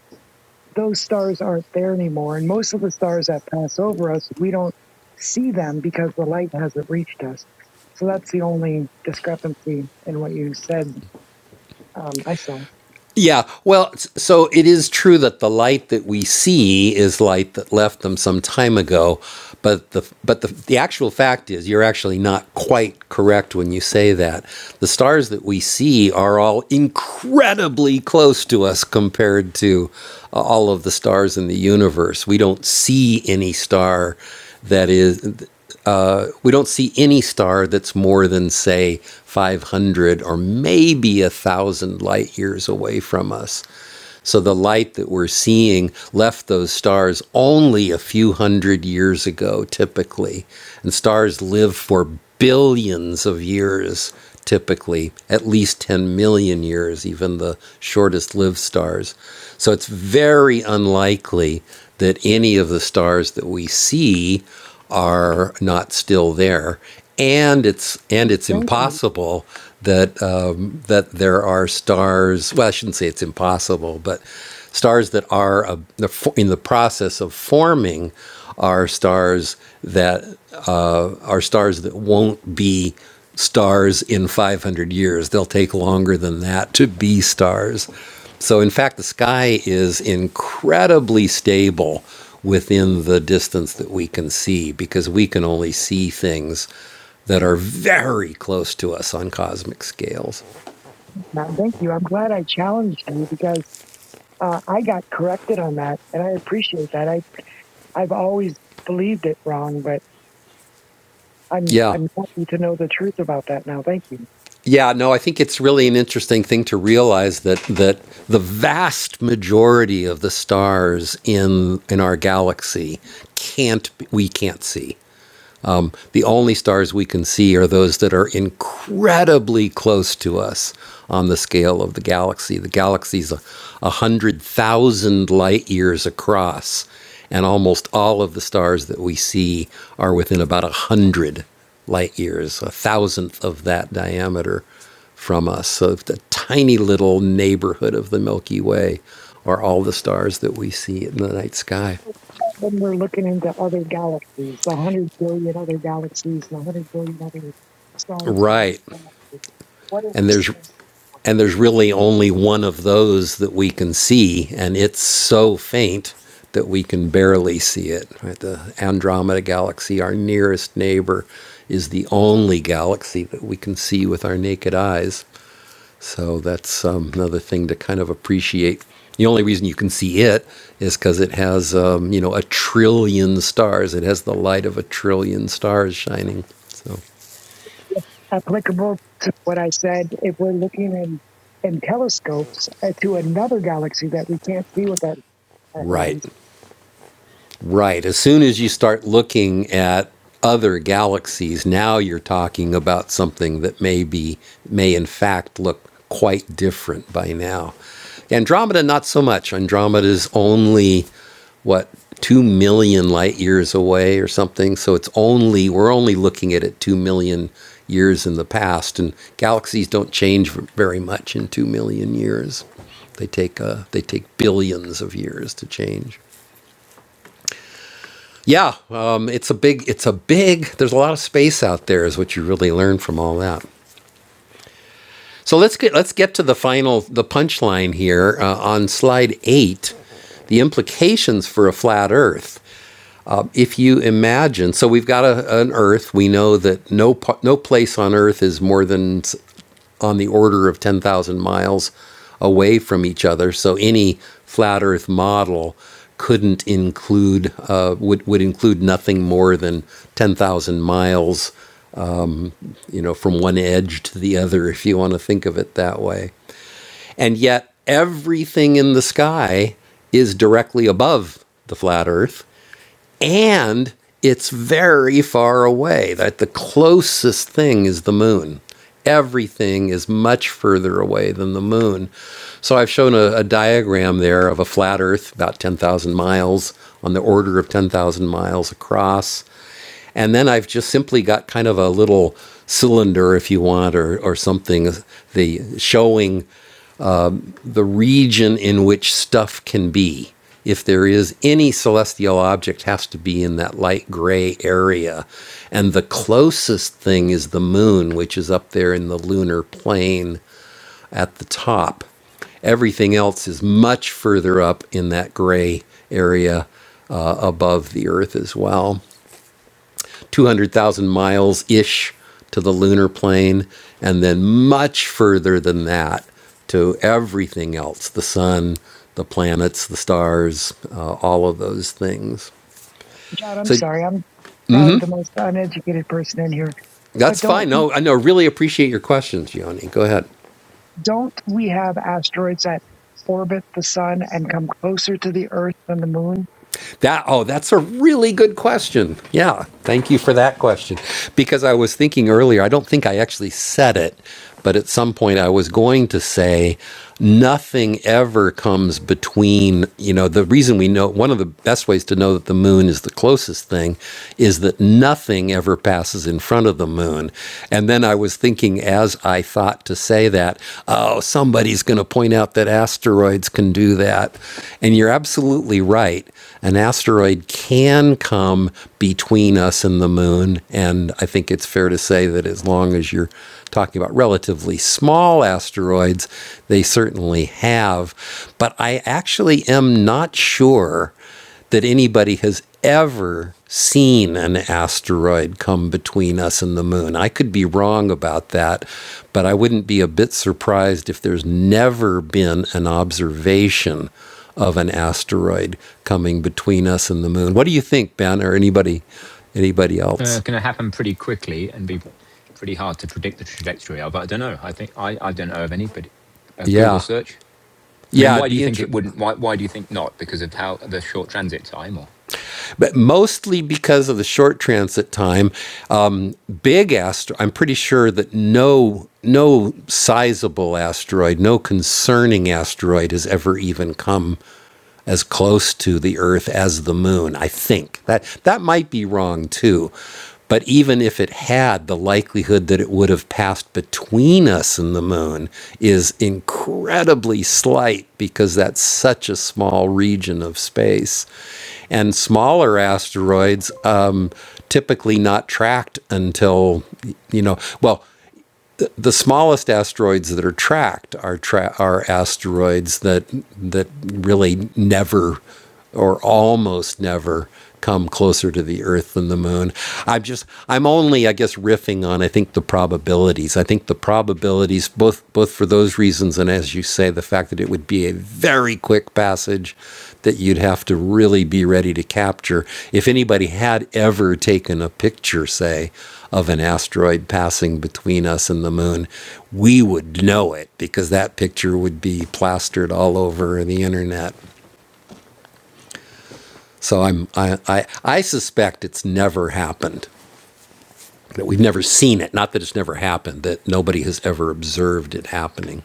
Speaker 3: those stars aren't there anymore. And most of the stars that pass over us, we don't see them because the light hasn't reached us. So that's the only discrepancy in what you said. Um, I saw.
Speaker 1: Yeah, well, so it is true that the light that we see is light that left them some time ago, but the but the the actual fact is you're actually not quite correct when you say that. The stars that we see are all incredibly close to us compared to uh, all of the stars in the universe. We don't see any star that is uh, we don't see any star that's more than say 500 or maybe a thousand light years away from us. So the light that we're seeing left those stars only a few hundred years ago, typically. And stars live for billions of years, typically, at least 10 million years, even the shortest lived stars. So it's very unlikely that any of the stars that we see are not still there, and it's and it's
Speaker 3: Thank you,
Speaker 1: impossible that um, that there are stars. Well, I shouldn't say it's impossible, but stars that are uh, in the process of forming are stars that are stars that won't be stars in 500 years. They'll take longer than that to be stars. So, in fact, the sky is incredibly stable within the distance that we can see because we can only see things that are very close to us on cosmic scales.
Speaker 3: ma'am. Thank you. I'm glad I challenged you because uh, I got corrected on that, and I appreciate that. I I've always believed it wrong, but I'm
Speaker 1: Yeah.
Speaker 3: I'm happy to know the truth about that now. Thank you.
Speaker 1: Yeah, no, I think it's really an interesting thing to realize that that the vast majority of the stars in in our galaxy can't we can't see. The only stars we can see are those that are incredibly close to us on the scale of the galaxy. The galaxy's a, a hundred thousand light years across, and almost all of the stars that we see are within about a hundred light years, a thousandth of that diameter from us. So the tiny little neighborhood of the Milky Way are all the stars that we see in the night sky.
Speaker 3: When we're looking into other galaxies, the hundred billion other galaxies, and the hundred billion other stars, and
Speaker 1: Right.
Speaker 3: galaxies, what are we
Speaker 1: And there's
Speaker 3: saying?
Speaker 1: And there's really only one of those that we can see, and it's so faint that we can barely see it. Right? The Andromeda Galaxy, our nearest neighbor, is the only galaxy that we can see with our naked eyes. So that's um, another thing to kind of appreciate. The only reason you can see it is because it has, um, you know, a trillion stars. It has the light of a trillion stars shining. So,
Speaker 3: Applicable to what I said, if we're looking in in telescopes uh, to another galaxy that we can't see what that uh, eyes.
Speaker 1: right. Right. As soon as you start looking at other galaxies, now you're talking about something that may be, may in fact look quite different by now. Andromeda, not so much. Andromeda is only, what, two million light years away or something. So it's only, we're only looking at it two million years in the past. And galaxies don't change very much in two million years. They take, uh, they take billions of years to change. Yeah, um, it's a big. It's a big. There's a lot of space out there, is what you really learn from all that. So let's get let's get to the final the punchline here uh, on slide eight. The implications for a flat Earth. Uh, if you imagine, so we've got a, an Earth. We know that no no place on Earth is more than on the order of 10,000 miles away from each other. So any flat Earth model couldn't include uh, would would include nothing more than 10,000 miles, you know, from one edge to the other, if you want to think of it that way. And yet everything in the sky is directly above the flat Earth and it's very far away. That the closest thing is the moon. Everything is much further away than the moon. So I've shown a, a diagram there of a flat Earth about 10,000 miles on the order of 10,000 miles across. And then I've just simply got kind of a little cylinder, if you want, or, or something, the showing the region in which stuff can be. If there is any celestial object, has to be in that light gray area, and the closest thing is the moon, which is up there in the lunar plane at the top. Everything else is much further up in that gray area uh, above the Earth as well. 200,000 miles ish to the lunar plane, and then much further than that to everything else the sun, the planets, the stars, uh, all of those things.
Speaker 3: John, I'm
Speaker 1: So
Speaker 3: sorry, I'm probably the most uneducated person in here, but
Speaker 1: that's
Speaker 3: don't
Speaker 1: fine. No, I know. Really appreciate your questions, Yoni. Go ahead.
Speaker 3: don't we have asteroids that orbit the sun and come closer to the Earth than the moon?
Speaker 1: That oh, that's a really good question. Yeah, thank you for that question. Because I was thinking earlier, I don't think I actually said it, but at some point I was going to say nothing ever comes between, you know, the reason we know one of the best ways to know that the moon is the closest thing is that nothing ever passes in front of the moon. And then I I was thinking as I thought to say that, oh, somebody's going to point out that asteroids can do that. And you're absolutely right. An asteroid can come between us and the moon. And I think it's fair to say that as long as you're talking about relatively small asteroids, they certainly have. But I actually am not sure that anybody has ever seen an asteroid come between us and the moon. I could be wrong about that, but I wouldn't be a bit surprised if there's never been an observation of an asteroid coming between us and the moon. What do you think, Ben, or anybody anybody
Speaker 2: Uh, going
Speaker 1: else?
Speaker 2: to happen pretty quickly and be pretty hard to predict the trajectory of. I don't know. I think I, I don't know of any, but a Google
Speaker 1: Yeah.
Speaker 2: search. I mean,
Speaker 1: Yeah,
Speaker 2: why
Speaker 1: it'd
Speaker 2: do you
Speaker 1: be
Speaker 2: think it
Speaker 1: interesting.
Speaker 2: wouldn't? Why why do you think not? Because of how the short transit time, or
Speaker 1: but mostly because of the short transit time. Um, big astro, I'm pretty sure that no no sizable asteroid, no concerning asteroid has ever even come as close to the Earth as the moon, I think. That, that might be wrong too. But even if it had, the likelihood that it would have passed between us and the moon is incredibly slight because that's such a small region of space. And smaller asteroids um, typically not tracked until, you know, well, the, the smallest asteroids that are tracked are tra- are asteroids that that really never or almost never come closer to the earth than the moon i'm just i'm only i guess riffing on i think the probabilities i think the probabilities both both for those reasons and as you say the fact that it would be a very quick passage that you'd have to really be ready to capture if anybody had ever taken a picture, say, of an asteroid passing between us and the moon, we would know it because that picture would be plastered all over the internet. So I'm I, I, I suspect it's never happened. That we've never seen it. Not that it's never happened, that nobody has ever observed it happening.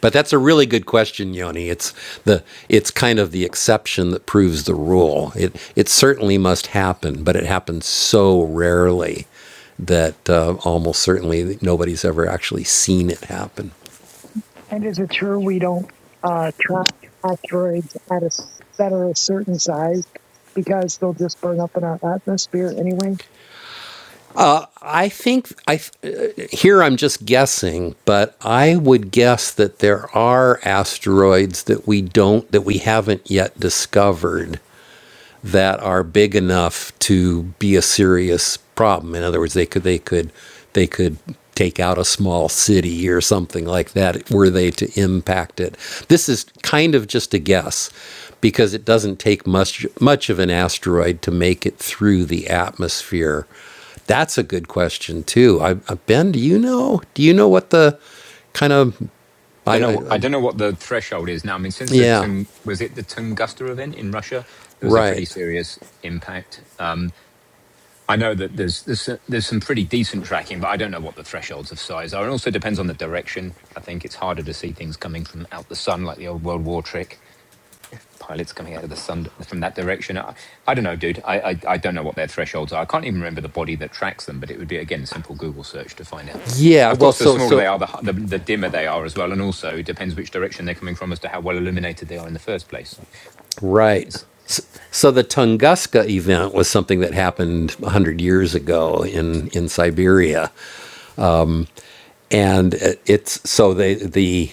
Speaker 1: But that's a really good question, Yoni. It's the it's kind of the exception that proves the rule. It it certainly must happen, but it happens so rarely that uh, almost certainly nobody's ever actually seen it happen.
Speaker 3: And is it true we don't uh, track asteroids at a, s- that are a certain size because they'll just burn up in our atmosphere anyway?
Speaker 1: Uh, I think I uh, here I'm just guessing, but I would guess that there are asteroids that we don't that we haven't yet discovered that are big enough to be a serious problem. In other words, they could they could they could take out a small city or something like that were they to impact it. This is kind of just a guess because it doesn't take much much of an asteroid to make it through the atmosphere. That's a good question too. I, uh, ben, do you know? Do you know what the kind of
Speaker 2: don't
Speaker 1: I, I
Speaker 2: know. I
Speaker 1: um,
Speaker 2: don't know what the threshold is now. I mean, since the
Speaker 1: yeah,
Speaker 2: Tung, was it the Tunguska event in Russia? There was a
Speaker 1: right.
Speaker 2: pretty serious impact. Um, I know that there's there's there's some pretty decent tracking, but I don't know what the thresholds of size are. It also depends on the direction. I think it's harder to see things coming from out the sun, like the old World War trick pilots coming out of the sun from that direction. I, I don't know, dude. I, I I don't know what their thresholds are. I can't even remember the body that tracks them, but it would be again simple Google search to find out.
Speaker 1: Yeah,
Speaker 2: Of
Speaker 1: well,
Speaker 2: course, the
Speaker 1: so
Speaker 2: smaller they
Speaker 1: so
Speaker 2: are, the, the the dimmer they are as well, and also it depends which direction they're coming from as to how well illuminated they are in the first place.
Speaker 1: Right. So, so the Tunguska event was something that happened 100 years ago in, in Siberia. And it's so they, the,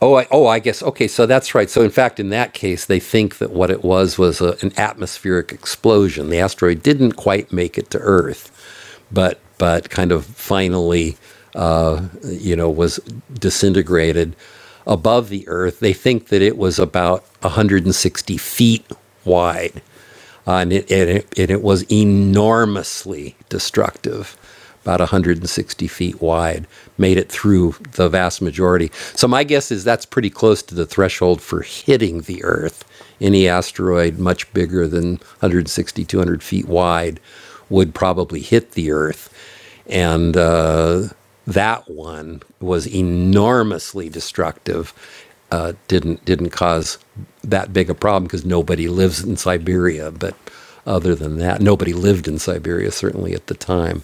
Speaker 1: oh, I, oh, I guess, okay, so that's right. So in fact, in that case, they think that what it was was a, an atmospheric explosion. The asteroid didn't quite make it to Earth, but, but kind of finally, uh, you know, was disintegrated above the Earth. They think that it was about 160 feet wide Uh, and, it, and, it, and it was enormously destructive, about 160 feet wide, made it through the vast majority. So, my guess is that's pretty close to the threshold for hitting the Earth. Any asteroid much bigger than 160, 200 feet wide would probably hit the Earth and uh, that one was enormously destructive. Uh, didn't didn't cause that big a problem because nobody lives in Siberia. But other than that, nobody lived in Siberia certainly at the time.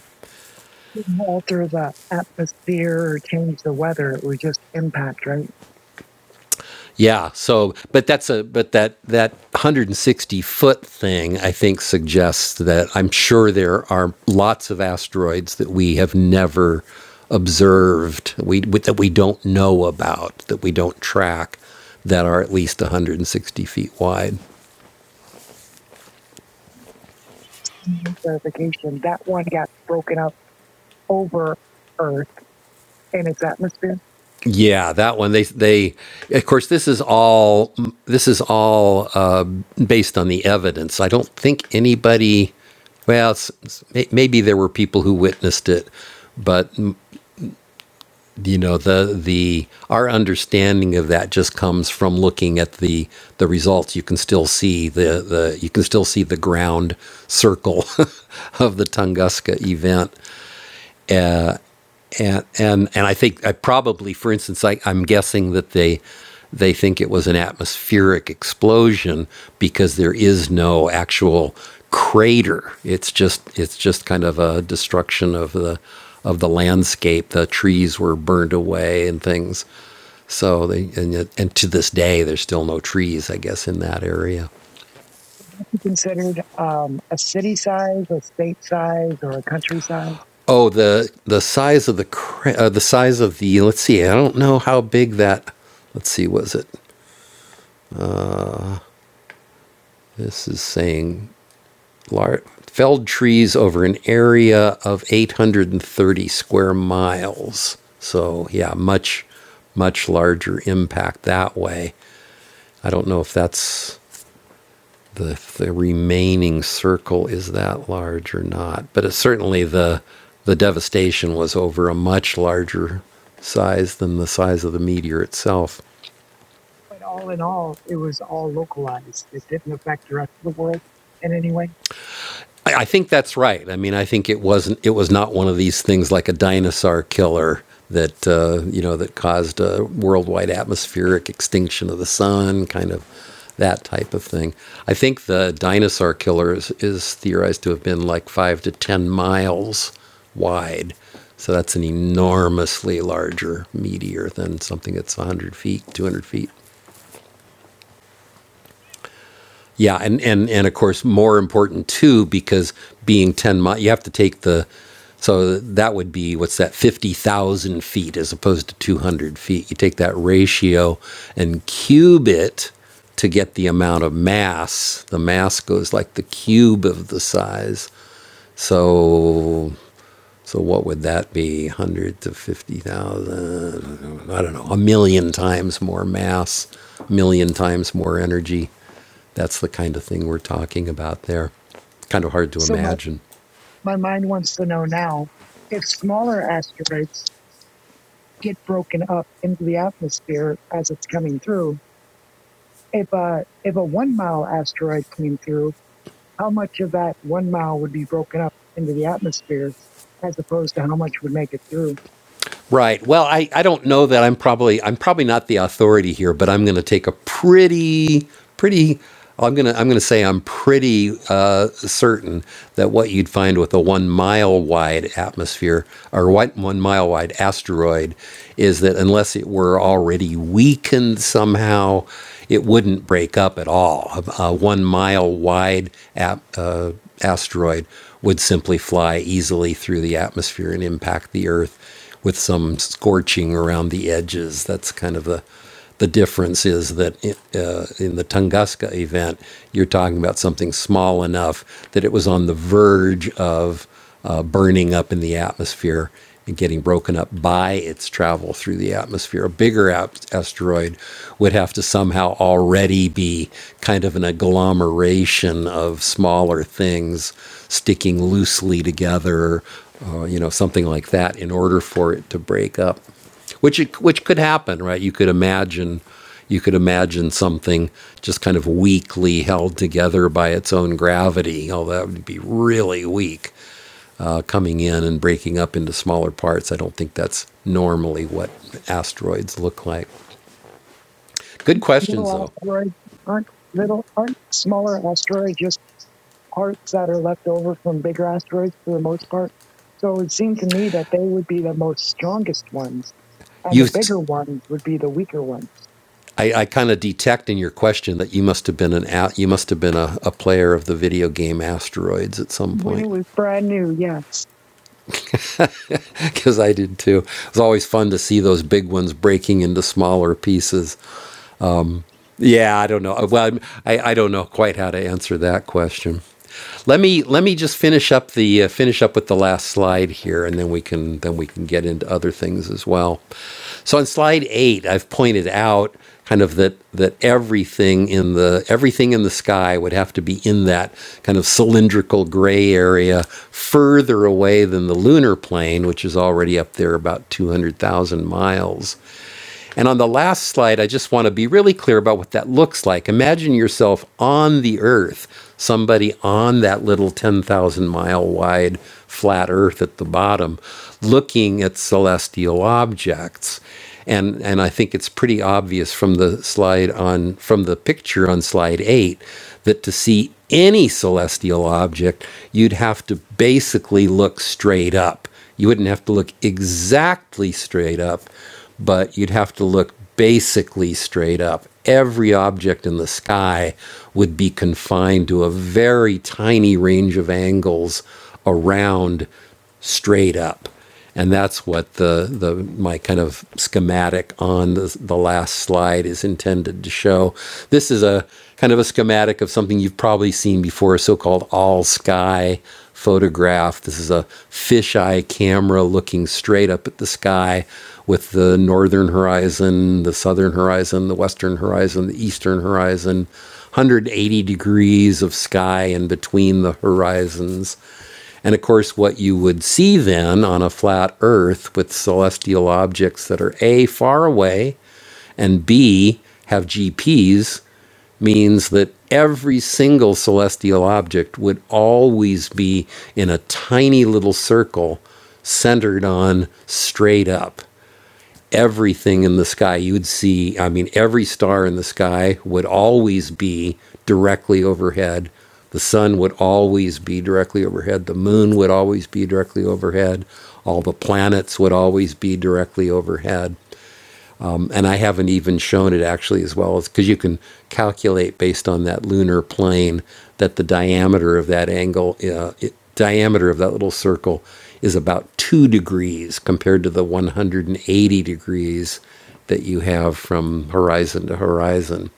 Speaker 3: It Didn't alter the atmosphere or change the weather. It was just impact, right?
Speaker 1: Yeah. So, but that's a but that that 160 foot thing I think suggests that I'm sure there are lots of asteroids that we have never observed, we that we don't know about, that we don't track, that are at least 160 feet wide.
Speaker 3: Mhm. Clarification. That one got broken up over Earth and its atmosphere.
Speaker 1: Yeah, that one. They they of course this is all this is all uh, based on the evidence. I don't think anybody. Well, it's, it's- may- maybe there were people who witnessed it, but mm, you know the the our understanding of that just comes from looking at the the results. You can still see the the you can still see the ground circle (laughs) of the Tunguska event. uh, and and and I think I probably, for instance, I, I'm guessing that they they think it was an atmospheric explosion because there is no actual crater. It's just it's just kind of a destruction of the of the landscape. The trees were burned away and things. So they and, and to this day, there's still no trees, I guess, in that area.
Speaker 3: Considered um, a city size, a state size, or a country size.
Speaker 1: Oh, the the size of the uh, the size of the let's see, I don't know how big that. Let's see, was it This is saying lar- felled trees over an area of 830 square miles. So, yeah, much, much larger impact that way. I don't know if that's the, if the remaining circle is that large or not, but it's certainly the, the devastation was over a much larger size than the size of the meteor itself.
Speaker 3: But all in all, it was all localized. It didn't affect the rest of the world in any way.
Speaker 1: I, I think that's right. I mean, I think it wasn't. It was not one of these things like a dinosaur killer that uh, you know that caused a worldwide atmospheric extinction of the sun, kind of that type of thing. I think the dinosaur killer is, is theorized to have been like five to ten miles wide. So that's an enormously larger meteor than something that's 100 feet, 200 feet. Yeah, and, and and of course more important too because being ten miles, you have to take the so that would be what's that fifty thousand feet as opposed to two hundred feet. You take that ratio and cube it to get the amount of mass. The mass goes like the cube of the size. So so what would that be? 100 to 50,000? I don't know. A million times more mass, a million times more energy. That's the kind of thing we're talking about there. Kind of hard to
Speaker 3: So my,
Speaker 1: imagine.
Speaker 3: my mind wants to know now if smaller asteroids get broken up into the atmosphere as it's coming through, if a, if a one mile asteroid came through, how much of that one mile would be broken up into the atmosphere as opposed to how much would make it through?
Speaker 1: Right. Well, I, I don't know that I'm probably I'm probably not the authority here, but I'm going to take a pretty pretty I'm going to I'm going to say I'm pretty uh, certain that what you'd find with a 1 mile wide atmosphere or one 1 mile wide asteroid is that unless it were already weakened somehow, it wouldn't break up at all. A, a 1 mile wide ap- uh, asteroid would simply fly easily through the atmosphere and impact the earth with some scorching around the edges. That's kind of the the difference is that uh, in the Tunguska event, you're talking about something small enough that it was on the verge of uh, burning up in the atmosphere and getting broken up by its travel through the atmosphere. A bigger ap- asteroid would have to somehow already be kind of an agglomeration of smaller things sticking loosely together uh, you know, something like that, in order for it to break up, which it, which could happen, right? You could imagine, you could imagine something just kind of weakly held together by its own gravity. Oh, that would be really weak, uh, coming in and breaking up into smaller parts. I don't think that's normally what asteroids look like. Good questions,
Speaker 3: Little
Speaker 1: though.
Speaker 3: asteroids aren't little, aren't smaller asteroids just parts that are left over from bigger asteroids for the most part. So it seemed to me that they would be the most strongest ones, and
Speaker 1: You,
Speaker 3: the bigger ones would be the weaker ones.
Speaker 1: I, I kind of detect in your question that you must have been an you must have been a, a player of the video game Asteroids at some
Speaker 3: When it
Speaker 1: point.
Speaker 3: was brand new, yes.
Speaker 1: because (laughs) I did too. It was always fun to see those big ones breaking into smaller pieces. Yeah, I don't know. Uh, Well, I, I don't know quite how to answer that question. Let me let me just finish up the uh, finish up with the last slide here, and then we can then we can get into other things as well. So on slide eight, I've pointed out kind of that that everything in the everything in the sky would have to be in that kind of cylindrical gray area, further away than the lunar plane, which is already up there about two hundred thousand miles. And on the last slide, I just want to be really clear about what that looks like. Imagine yourself on the earth, somebody on that little 10,000 mile wide flat earth at the bottom, looking at celestial objects. And, and I think it's pretty obvious from the slide on from the picture on slide eight that to see any celestial object, you'd have to basically look straight up you wouldn't have to look exactly straight up, but you'd have to look basically straight up. Every object in the sky would be confined to a very tiny range of angles around straight up and that's what the the my kind of schematic on the, the last slide is intended to show. This is a kind of a schematic of something you've probably seen before, a so-called all sky photograph. This is a fisheye camera looking straight up at the sky with the northern horizon, the southern horizon, the western horizon, the eastern horizon, 180 degrees of sky in between the horizons and of course, what you would see then on a flat Earth with celestial objects that are A, far away, and B, have GPs, means that every single celestial object would always be in a tiny little circle centered on straight up everything in the sky you would see i mean every star in the sky would always be directly overhead the sun would always be directly overhead the moon would always be directly overhead all the planets would always be directly overhead um, and I haven't even shown it actually as well as because you can calculate based on that lunar plane that the diameter of that angle, uh, it, diameter of that little circle is about two degrees compared to the 180 degrees that you have from horizon to horizon.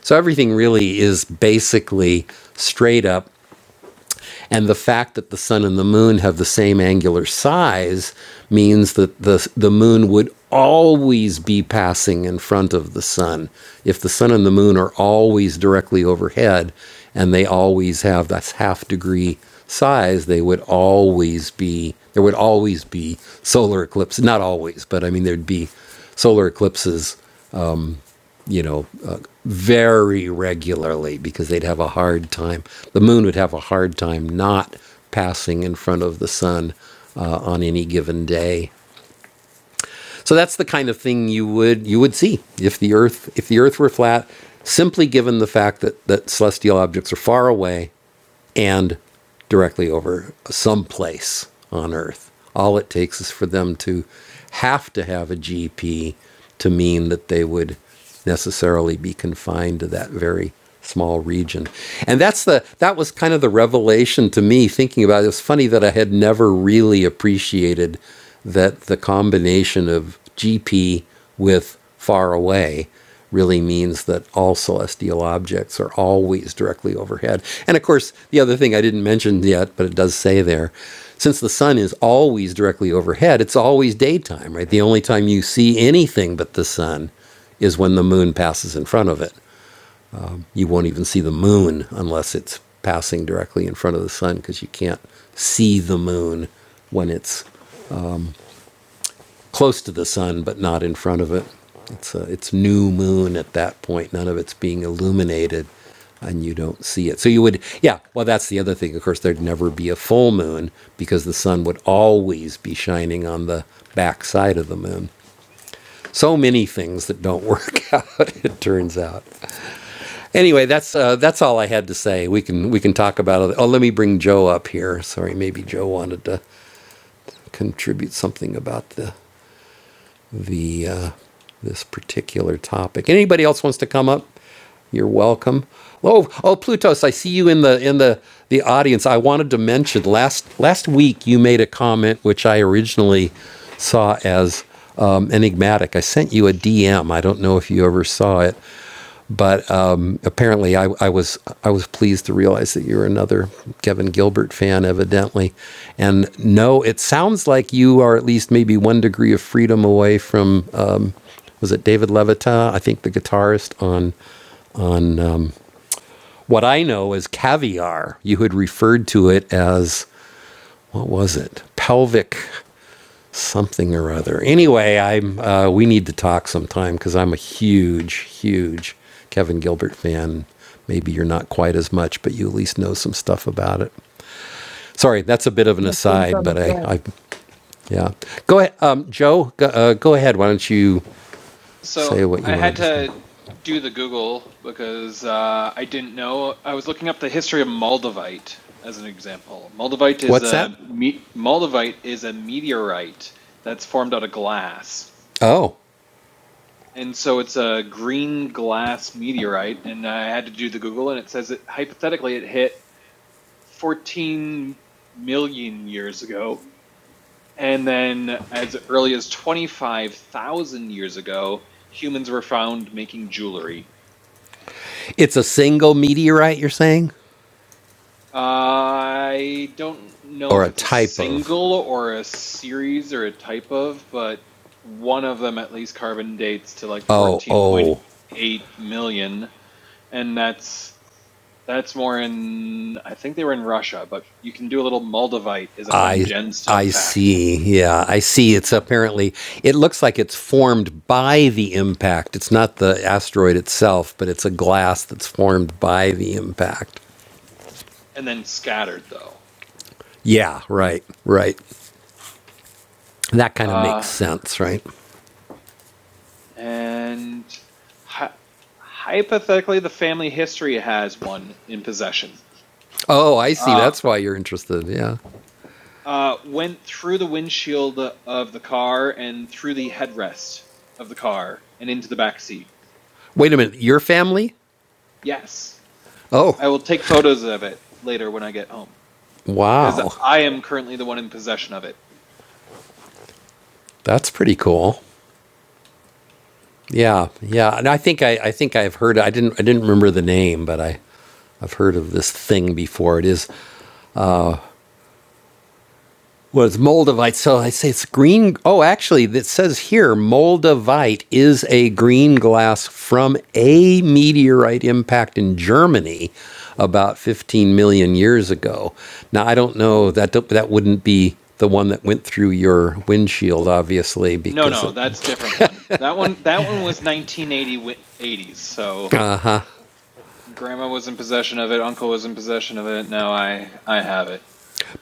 Speaker 1: So everything really is basically straight up and the fact that the sun and the moon have the same angular size means that the, the moon would always be passing in front of the sun. If the sun and the moon are always directly overhead and they always have that half degree size, they would always be, there would always be solar eclipses. Not always, but I mean, there'd be solar eclipses you know, uh, very regularly because they'd have a hard time. The moon would have a hard time not passing in front of the sun uh, on any given day. So that's the kind of thing you would you would see if the Earth if the Earth were flat, simply given the fact that that celestial objects are far away and directly over someplace on earth. All it takes is for them to have to have a GP to mean that they would necessarily be confined to that very small region. And that's the that was kind of the revelation to me thinking about it. It's funny that I had never really appreciated that the combination of GP with far away really means that all celestial objects are always directly overhead. And of course, the other thing I didn't mention yet, but it does say there, since the sun is always directly overhead, it's always daytime, right? The only time you see anything but the sun is when the moon passes in front of it. You won't even see the moon unless it's passing directly in front of the sun because you can't see the moon when it's close to the sun, but not in front of it. It's a, it's new moon at that point. None of it's being illuminated, and you don't see it. So you would, yeah. Well, that's the other thing. Of course, there'd never be a full moon because the sun would always be shining on the back side of the moon. So many things that don't work (laughs) out. It turns out. Anyway, that's uh, that's all I had to say. We can we can talk about it. Oh, let me bring Joe up here. Sorry, maybe Joe wanted to contribute something about the the uh, this particular topic. Anybody else wants to come up? You're welcome. Oh, oh, Plutos, I see you in the in the the audience. I wanted to mention last last week you made a comment which I originally saw as um, enigmatic. I sent you a DM. I don't know if you ever saw it, but um, apparently, I, I was I was pleased to realize that you're another Kevin Gilbert fan, evidently. And no, it sounds like you are at least maybe one degree of freedom away from um, was it David Levitin? I think the guitarist on on um, what I know as caviar. You had referred to it as what was it? Pelvic something or other. Anyway, I'm uh, we need to talk sometime because I'm a huge, huge Kevin Gilbert fan. Maybe you're not quite as much, but you at least know some stuff about it. Sorry, that's a bit of an
Speaker 3: Question
Speaker 1: aside,
Speaker 3: from a
Speaker 1: but I,
Speaker 3: friend.
Speaker 1: I yeah. Go ahead, um, Joe. Go, uh, go ahead. Why don't you
Speaker 5: So
Speaker 1: say what you
Speaker 5: I had
Speaker 1: wanted to say?
Speaker 5: to do the Google because uh, I didn't know. I was looking up the history of Moldavite as an example. Moldavite is
Speaker 1: What's that?
Speaker 5: a me- Moldavite is a meteorite that's formed out of glass,
Speaker 1: Oh,
Speaker 5: and so it's a green glass meteorite. And I had to do the Google, and it says it hypothetically it hit 14 million years ago, and then as early as 25,000 years ago, humans were found making jewelry.
Speaker 1: it's a single meteorite. You're saying,
Speaker 5: I don't know
Speaker 1: or
Speaker 5: if
Speaker 1: a
Speaker 5: it's a
Speaker 1: type of?
Speaker 5: single or a series or a type of, but one of them at least carbon dates to like
Speaker 1: Oh, oh.
Speaker 5: 14.8 million, and that's that's more in I think they were in Russia, but you can do a little moldavite is a fun
Speaker 1: I
Speaker 5: gemstone
Speaker 1: I
Speaker 5: fact.
Speaker 1: see. Yeah, I see. It's apparently it looks like it's formed by the impact. It's not the asteroid itself, but it's a glass that's formed by the impact.
Speaker 5: And then scattered though.
Speaker 1: Yeah, right. Right. That kind of makes
Speaker 5: Uh
Speaker 1: sense, right?
Speaker 5: and hy hypothetically the family history has one in possession.
Speaker 1: Oh, I see.
Speaker 5: Uh,
Speaker 1: That's why you're interested. Yeah.
Speaker 5: uh, went through the windshield of the car and through the headrest of the car and into the back seat.
Speaker 1: Wait a minute. Your family?
Speaker 5: Yes,
Speaker 1: Oh,
Speaker 5: I will take photos of it later when I get home because
Speaker 1: wow.
Speaker 5: I am currently the one in possession of it.
Speaker 1: That's pretty cool. Yeah, yeah, and I think I, I think I've heard. I didn't I didn't remember the name, but I I've heard of this thing before. It is was Moldavite. So I say it's green. Oh, actually, it says here Moldavite is a green glass from a meteorite impact in Germany about 15 million years ago. Now I don't know that that wouldn't be the one that went through your windshield,
Speaker 5: Well,
Speaker 1: obviously,
Speaker 5: no,
Speaker 1: because.
Speaker 5: no,
Speaker 1: It,
Speaker 5: that's a different one. That one, that one was 1980 So grandma was in possession of it, uncle was in possession of it. Now I, I have it.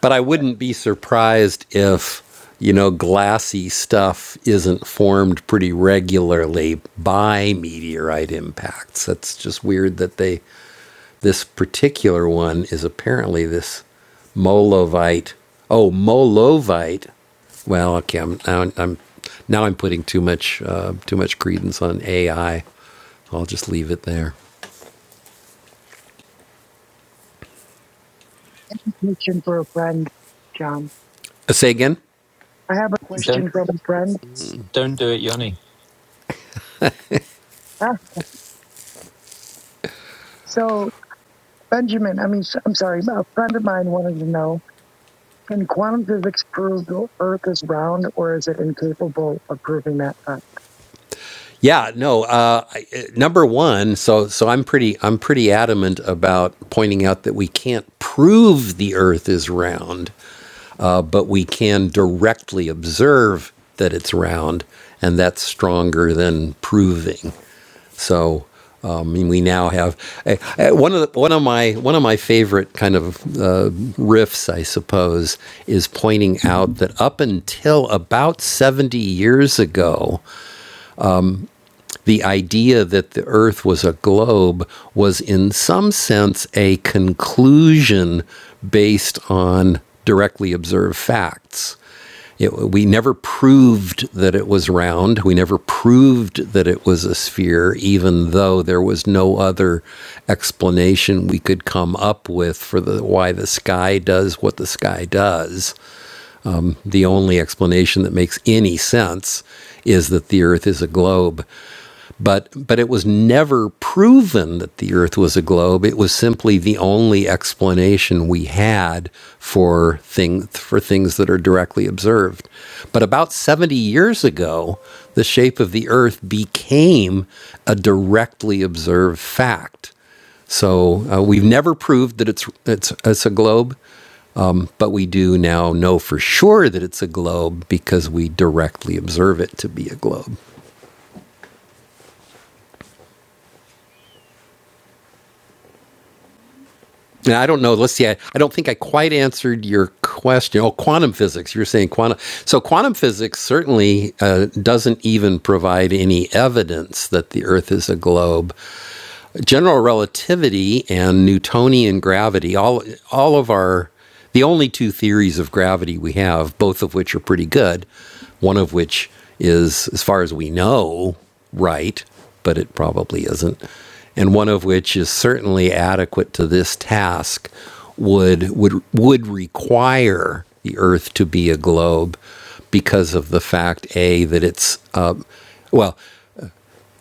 Speaker 1: but I wouldn't be surprised if. You know, glassy stuff isn't formed pretty regularly by meteorite impacts. That's just weird that they This particular one is apparently this Molovite. Oh, Molovite. Well, okay. I'm now I'm now I'm putting too much uh, too much credence on AI. I'll just leave it there.
Speaker 3: Question for a friend, John.
Speaker 1: Uh, say again.
Speaker 3: I have a
Speaker 2: So don't
Speaker 3: question from a friend.
Speaker 2: don't do it, Yoni.
Speaker 3: Ah, so Benjamin, I mean, i I'm sorry, a friend of mine wanted to know: Can quantum physics prove the Earth is round, or is it incapable of proving that fact?
Speaker 1: Yeah, no. Uh, uh, number one, so so I'm pretty I'm pretty adamant about pointing out that we can't prove the Earth is round, uh, but we can directly observe that it's round, and that's stronger than proving. So um, we now have eh, eh, one of the, one of my one of my favorite kind of uh, riffs, I suppose, is pointing out that up until about seventy years ago, the idea that the Earth was a globe was, in some sense, a conclusion based on directly observed facts. It, we never proved that it was round. We never proved that it was a sphere, even though there was no other explanation we could come up with for the why the sky does what the sky does. The only explanation that makes any sense is that the Earth is a globe, but but it was never proven that the earth was a globe it was simply the only explanation we had for thing for things that are directly observed but about 70 years ago the shape of the earth became a directly observed fact so uh, we've never proved that it's, it's it's a globe, but we do now know for sure that it's a globe because we directly observe it to be a globe. Now, I don't know. Let's see. I, I don't think I quite answered your question. Oh, quantum physics. You're saying quantum. So, quantum physics certainly uh, doesn't even provide any evidence that the Earth is a globe general relativity and Newtonian gravity, all all of our the only two theories of gravity we have, both of which are pretty good, one of which is as far as we know right, but it probably isn't, and one of which is certainly adequate to this task would would would require the earth to be a globe because of the fact a that it's uh, well,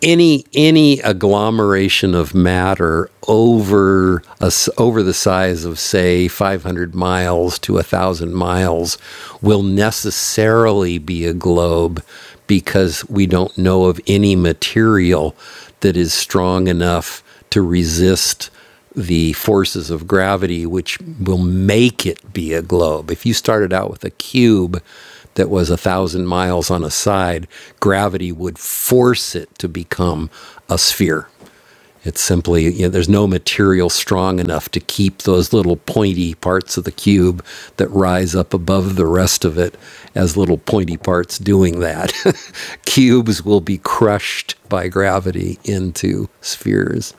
Speaker 1: any any agglomeration of matter over a s over the size of say 500 miles to 1000 miles will necessarily be a globe because we don't know of any material that is strong enough to resist the forces of gravity which will make it be a globe. If you started out with a cube that was a thousand miles on a side, gravity would force it to become a sphere. It's simply, you know, there's no material strong enough to keep those little pointy parts of the cube that rise up above the rest of it as little pointy parts doing that. (laughs) Cubes will be crushed by gravity into spheres.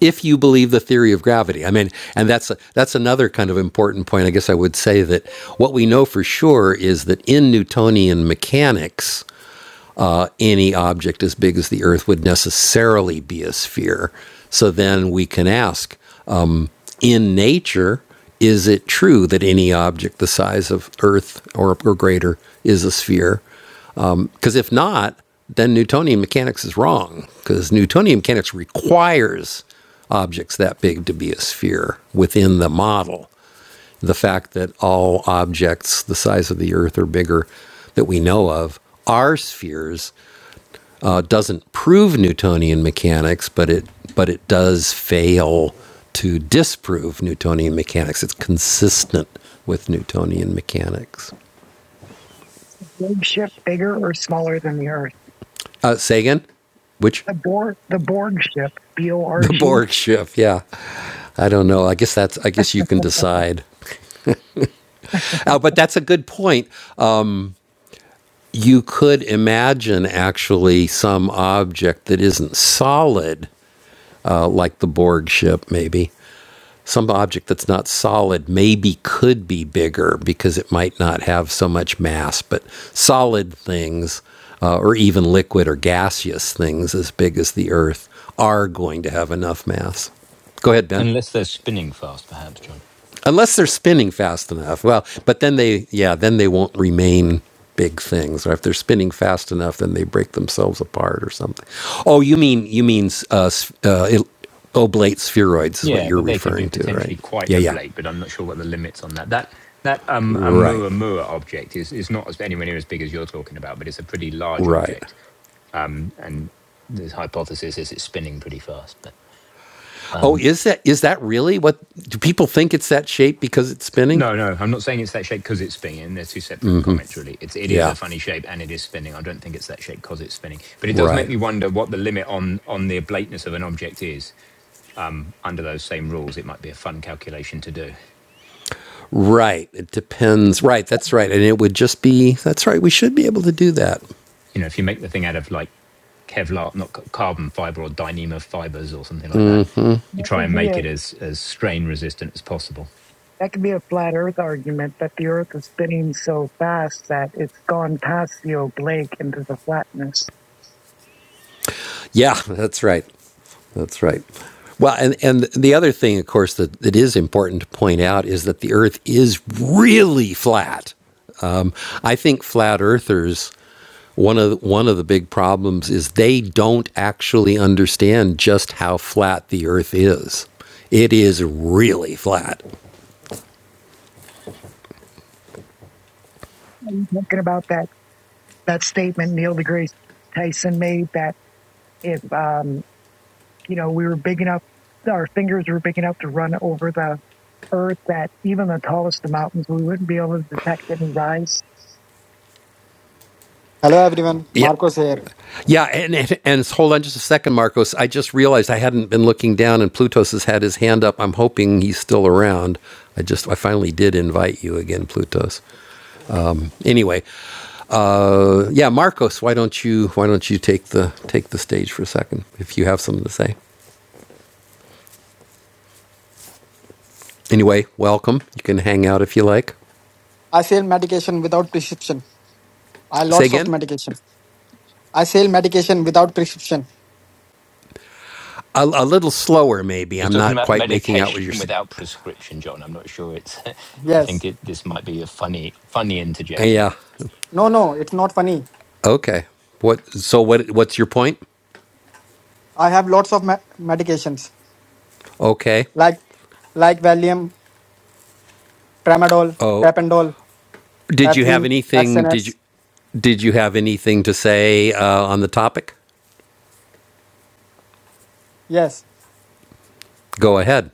Speaker 1: if you believe the theory of gravity. I mean, and that's a, that's another kind of important point. I guess I would say that what we know for sure is that in Newtonian mechanics, uh, any object as big as the Earth would necessarily be a sphere. So then we can ask, in nature, is it true that any object the size of Earth or, or greater is a sphere? Because if not, then Newtonian mechanics is wrong. Because Newtonian mechanics requires objects that big to be a sphere within the model. The fact that all objects the size of the Earth or bigger that we know of are spheres uh, doesn't prove Newtonian mechanics, but it but it does fail to disprove Newtonian mechanics. It's consistent with Newtonian mechanics.
Speaker 3: Is the Big ship bigger or smaller than the Earth?
Speaker 1: Uh, say again? Which?
Speaker 3: The Borg, the Borg ship, B O R
Speaker 1: The
Speaker 3: G.
Speaker 1: Borg ship, yeah. I don't know. I guess that's I guess you can decide. Oh, but that's a good point. You could imagine actually some object that isn't solid, uh, like the Borg ship, maybe. Some object that's not solid maybe could be bigger because it might not have so much mass, but solid things, uh, or even liquid or gaseous things as big as the Earth, are going to have enough mass. Go ahead, Ben.
Speaker 2: unless they're spinning fast, perhaps, John.
Speaker 1: unless they're spinning fast enough. Well, but then they, yeah, then they won't remain big things. Or if they're spinning fast enough, then they break themselves apart or something. Oh, you mean you mean uh, uh, oblate spheroids is what
Speaker 2: Yeah,
Speaker 1: you're
Speaker 2: but they could be
Speaker 1: referring to, right?
Speaker 2: potentially quite
Speaker 1: Yeah, yeah,
Speaker 2: oblate, but I'm not sure what the limits on that. That that um
Speaker 1: right,
Speaker 2: Oumuamua object is is not as anywhere near as big as you're talking about, but it's a pretty large
Speaker 1: right.
Speaker 2: object. Um, and the hypothesis is it's spinning pretty fast. But
Speaker 1: Oh,
Speaker 2: um,
Speaker 1: is that is that really what do people think it's that shape because it's spinning?
Speaker 2: no, no, I'm not saying it's that shape because it's spinning. They're two separate comments, really. It's it is
Speaker 1: Yeah,
Speaker 2: a funny shape and it is spinning. I don't think it's that shape because it's spinning, but it does make
Speaker 1: right.
Speaker 2: me wonder what the limit on on the oblateness of an object is. Um, under those same rules, it might be a fun calculation to do.
Speaker 1: Right. It depends. Right. That's right. And it would just be, that's right. We should be able to do that.
Speaker 2: You know, if you make the thing out of like Kevlar, not ca- carbon fiber or Dyneema fibers or something like that. You
Speaker 3: That
Speaker 2: try
Speaker 3: could
Speaker 2: and
Speaker 3: be
Speaker 2: make
Speaker 3: a
Speaker 2: it as as strain resistant as possible.
Speaker 3: that could be a flat Earth argument that the Earth is spinning so fast that it's gone past the oblique into the flatness.
Speaker 1: Yeah, that's right. That's right. Well, and, and the other thing, of course, that, that is important to point out is that the Earth is really flat. Um, I think flat earthers, one of, the, one of the big problems is they don't actually understand just how flat the Earth is. It is really flat.
Speaker 3: I'm thinking about that that statement Neil deGrasse Tyson made that if um, you know we were big enough, our fingers were big enough to run over the Earth, that even the tallest of mountains we wouldn't be able to detect any rise.
Speaker 6: Hello everyone,
Speaker 1: Yeah.
Speaker 6: Marcos here.
Speaker 1: Yeah, and, and and hold on just a second, Marcos. I just realized I hadn't been looking down, and Plutos has had his hand up. I'm hoping he's still around. I just I finally did invite you again, Plutos. Anyway, uh, yeah, Marcos, why don't you why don't you take the take the stage for a second if you have something to say? Anyway, welcome. You can hang out if you like.
Speaker 6: I sell medication without prescription. I
Speaker 1: Say
Speaker 6: lots of
Speaker 1: again.
Speaker 6: medication. I sell medication without prescription.
Speaker 1: A, a little slower, maybe.
Speaker 2: He's
Speaker 1: I'm
Speaker 2: talking
Speaker 1: not
Speaker 2: about
Speaker 1: quite making out what you're.
Speaker 2: medication
Speaker 1: s-
Speaker 2: without prescription, John. I'm not sure it's. (laughs) I think
Speaker 6: Yes.
Speaker 2: it, this might be a funny funny interjection.
Speaker 1: Yeah.
Speaker 6: No, no, it's not funny.
Speaker 1: Okay. What? So what? What's your point?
Speaker 6: I have lots of me- medications
Speaker 1: Okay.
Speaker 6: like like Valium, Tramadol,
Speaker 1: Oh.
Speaker 6: Tapendol,
Speaker 1: Did you have
Speaker 6: Advil,
Speaker 1: anything? Did you
Speaker 6: Xanax.
Speaker 1: did you have anything to say uh, on the topic?
Speaker 6: Yes.
Speaker 1: Go ahead.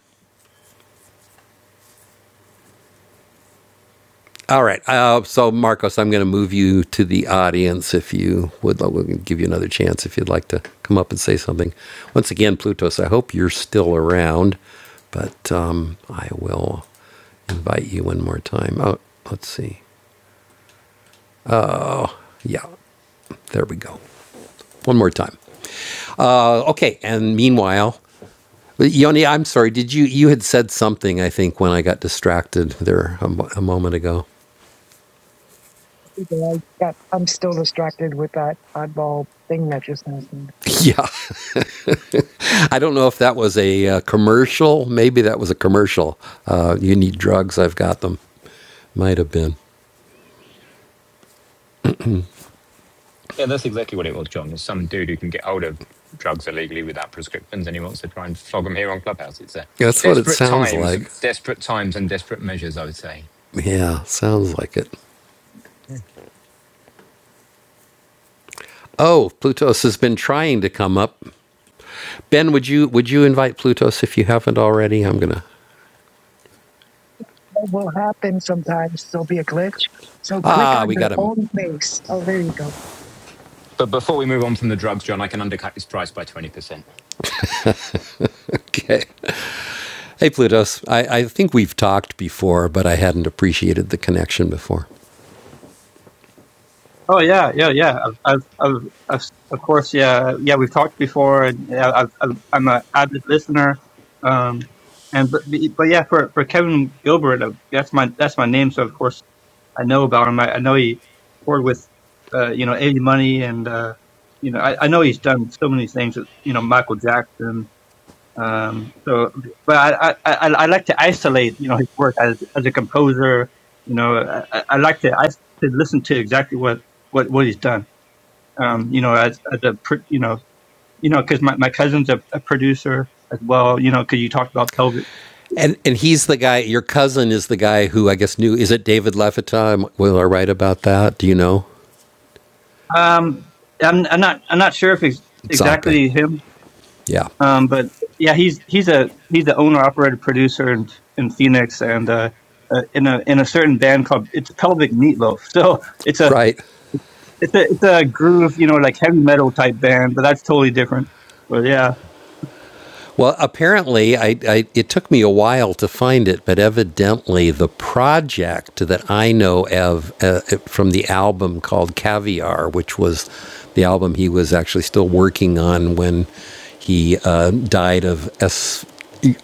Speaker 1: All right. Uh, so, Marcos, I'm going to move you to the audience if you would. like- We'll give you another chance if you'd like to come up and say something. Once again, Plutos, I hope you're still around, but um, I will invite you one more time. Oh, let's see. Yeah, there we go. One more time. Uh, okay. And meanwhile, Yoni, I'm sorry. Did you you had said something? I think when I got distracted there a, a moment ago.
Speaker 3: I I'm still distracted with that oddball thing that just happened.
Speaker 1: (laughs) Yeah, I don't know if that was a uh, commercial. Maybe that was a commercial. Uh, you need drugs. I've got them. Might have been.
Speaker 2: Yeah, that's exactly what it was, John. There's some dude who can get hold of drugs illegally without prescriptions, and he wants to try and flog them here on Clubhouse. It's a
Speaker 1: That's what it
Speaker 2: desperate
Speaker 1: sounds
Speaker 2: times,
Speaker 1: like.
Speaker 2: desperate times, and desperate measures, I would say.
Speaker 1: Yeah, sounds like it.
Speaker 2: Yeah.
Speaker 1: Oh, Plutos has been trying to come up. Ben, would you would you invite Plutos if you haven't already? I'm gonna.
Speaker 3: What will happen sometimes, there'll be a glitch. So click
Speaker 1: Ah,
Speaker 3: on
Speaker 1: we
Speaker 3: your
Speaker 1: got him.
Speaker 3: own
Speaker 1: (laughs)
Speaker 3: face. Oh, there you go.
Speaker 2: But before we move on from the drugs, John, I can undercut his price by twenty percent.
Speaker 1: Okay. Hey, Plutos. I, I think we've talked before, but I hadn't appreciated the connection before.
Speaker 7: Oh yeah, yeah, yeah. I've, I've, I've, I've, of course, yeah, yeah. We've talked before, and yeah, I've, I've, I'm an avid listener. Um, and but, but yeah, for for Kevin Gilbert, uh, that's my that's my name. So of course, I know about him. I, I know he toured with, uh, you know, Eddie Money, and uh, you know, I, I know he's done so many things with, you know, Michael Jackson um, so, but I, I, I, I like to isolate, you know, his work as, as a composer. You know, I, I I like to, I, to listen to exactly what, what, what he's done. Um, you know, as, as a, pr- you know, you know, cause my, my cousin's a, a producer as well, you know, cause you talked about pelvic.
Speaker 1: And and he's the guy. Your cousin is the guy who I guess knew. Is it David Lefita? Am- Was I right about that? Do you know?
Speaker 7: Um, I'm, I'm not, I'm not sure if it's
Speaker 1: It's okay.
Speaker 7: exactly him.
Speaker 1: Yeah.
Speaker 7: Um, but yeah, he's, he's a, he's the owner operator producer in, in Phoenix and, uh, uh, in a, in a certain band called, it's pelvic meatloaf. (laughs) So, it's a
Speaker 1: Right.
Speaker 7: It's a it's a groove, you know, like heavy metal type band, but that's totally different. But yeah,
Speaker 1: Well, apparently, I, I it took me a while to find it, but evidently, the project that I know of uh, from the album called Caviar, which was the album he was actually still working on when he uh, died of as-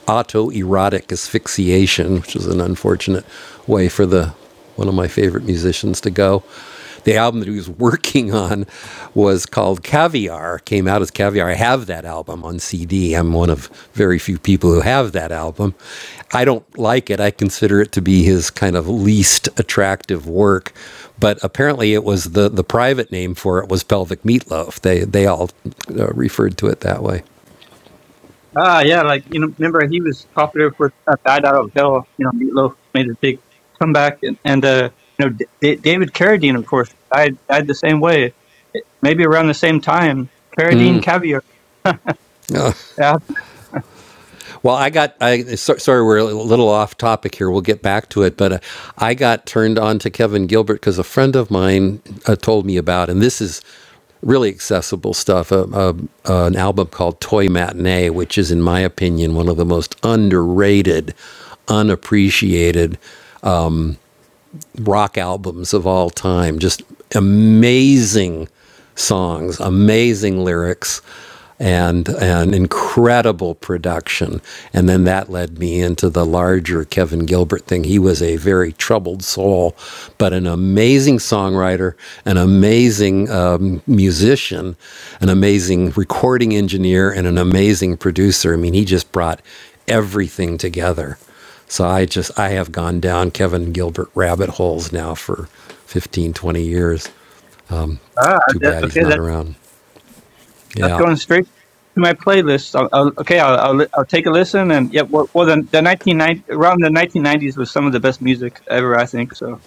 Speaker 1: autoerotic asphyxiation, which is an unfortunate way for the one of my favorite musicians to go the album that he was (laughs) working on was called Caviar, came out as Caviar. I have that album on CD. I'm one of very few people who have that album. I don't like it. I consider it to be his kind of least attractive work. But apparently, it was the, the private name for it was Pelvic Meatloaf. They, they all uh, referred to it that way.
Speaker 7: ah, yeah, like you know, remember he was popular for uh, "Bad Out of Hell." You know, Meatloaf made a big comeback, and, and uh, you know, D- D- David Carradine, of course, died died the same way, maybe around the same time. Carradine Caviar. Yeah.
Speaker 1: Well, I got. I so, sorry, we're a little off topic here. We'll get back to it, but uh, I got turned on to Kevin Gilbert because a friend of mine uh, told me about, and this is really accessible stuff. Uh, uh, uh, an album called Toy Matinee, which is, in my opinion, one of the most underrated, unappreciated rock albums of all time. Just amazing songs, amazing lyrics, and an incredible production. And then that led me into the larger Kevin Gilbert thing. He was a very troubled soul, but an amazing songwriter, an amazing um, musician, an amazing recording engineer, and an amazing producer. I mean, he just brought everything together. So I just I have gone down Kevin Gilbert rabbit holes now for 15 20 years.
Speaker 7: Ah,
Speaker 1: Too
Speaker 7: that,
Speaker 1: bad he's
Speaker 7: okay, that
Speaker 1: not around.
Speaker 7: That's
Speaker 1: Yeah.
Speaker 7: going straight to my playlist. I'll, I'll, okay, I'll, I'll li- I'll take a listen. And yeah, well, well the, the 1990 around the 1990s was some of the best music ever, I think. So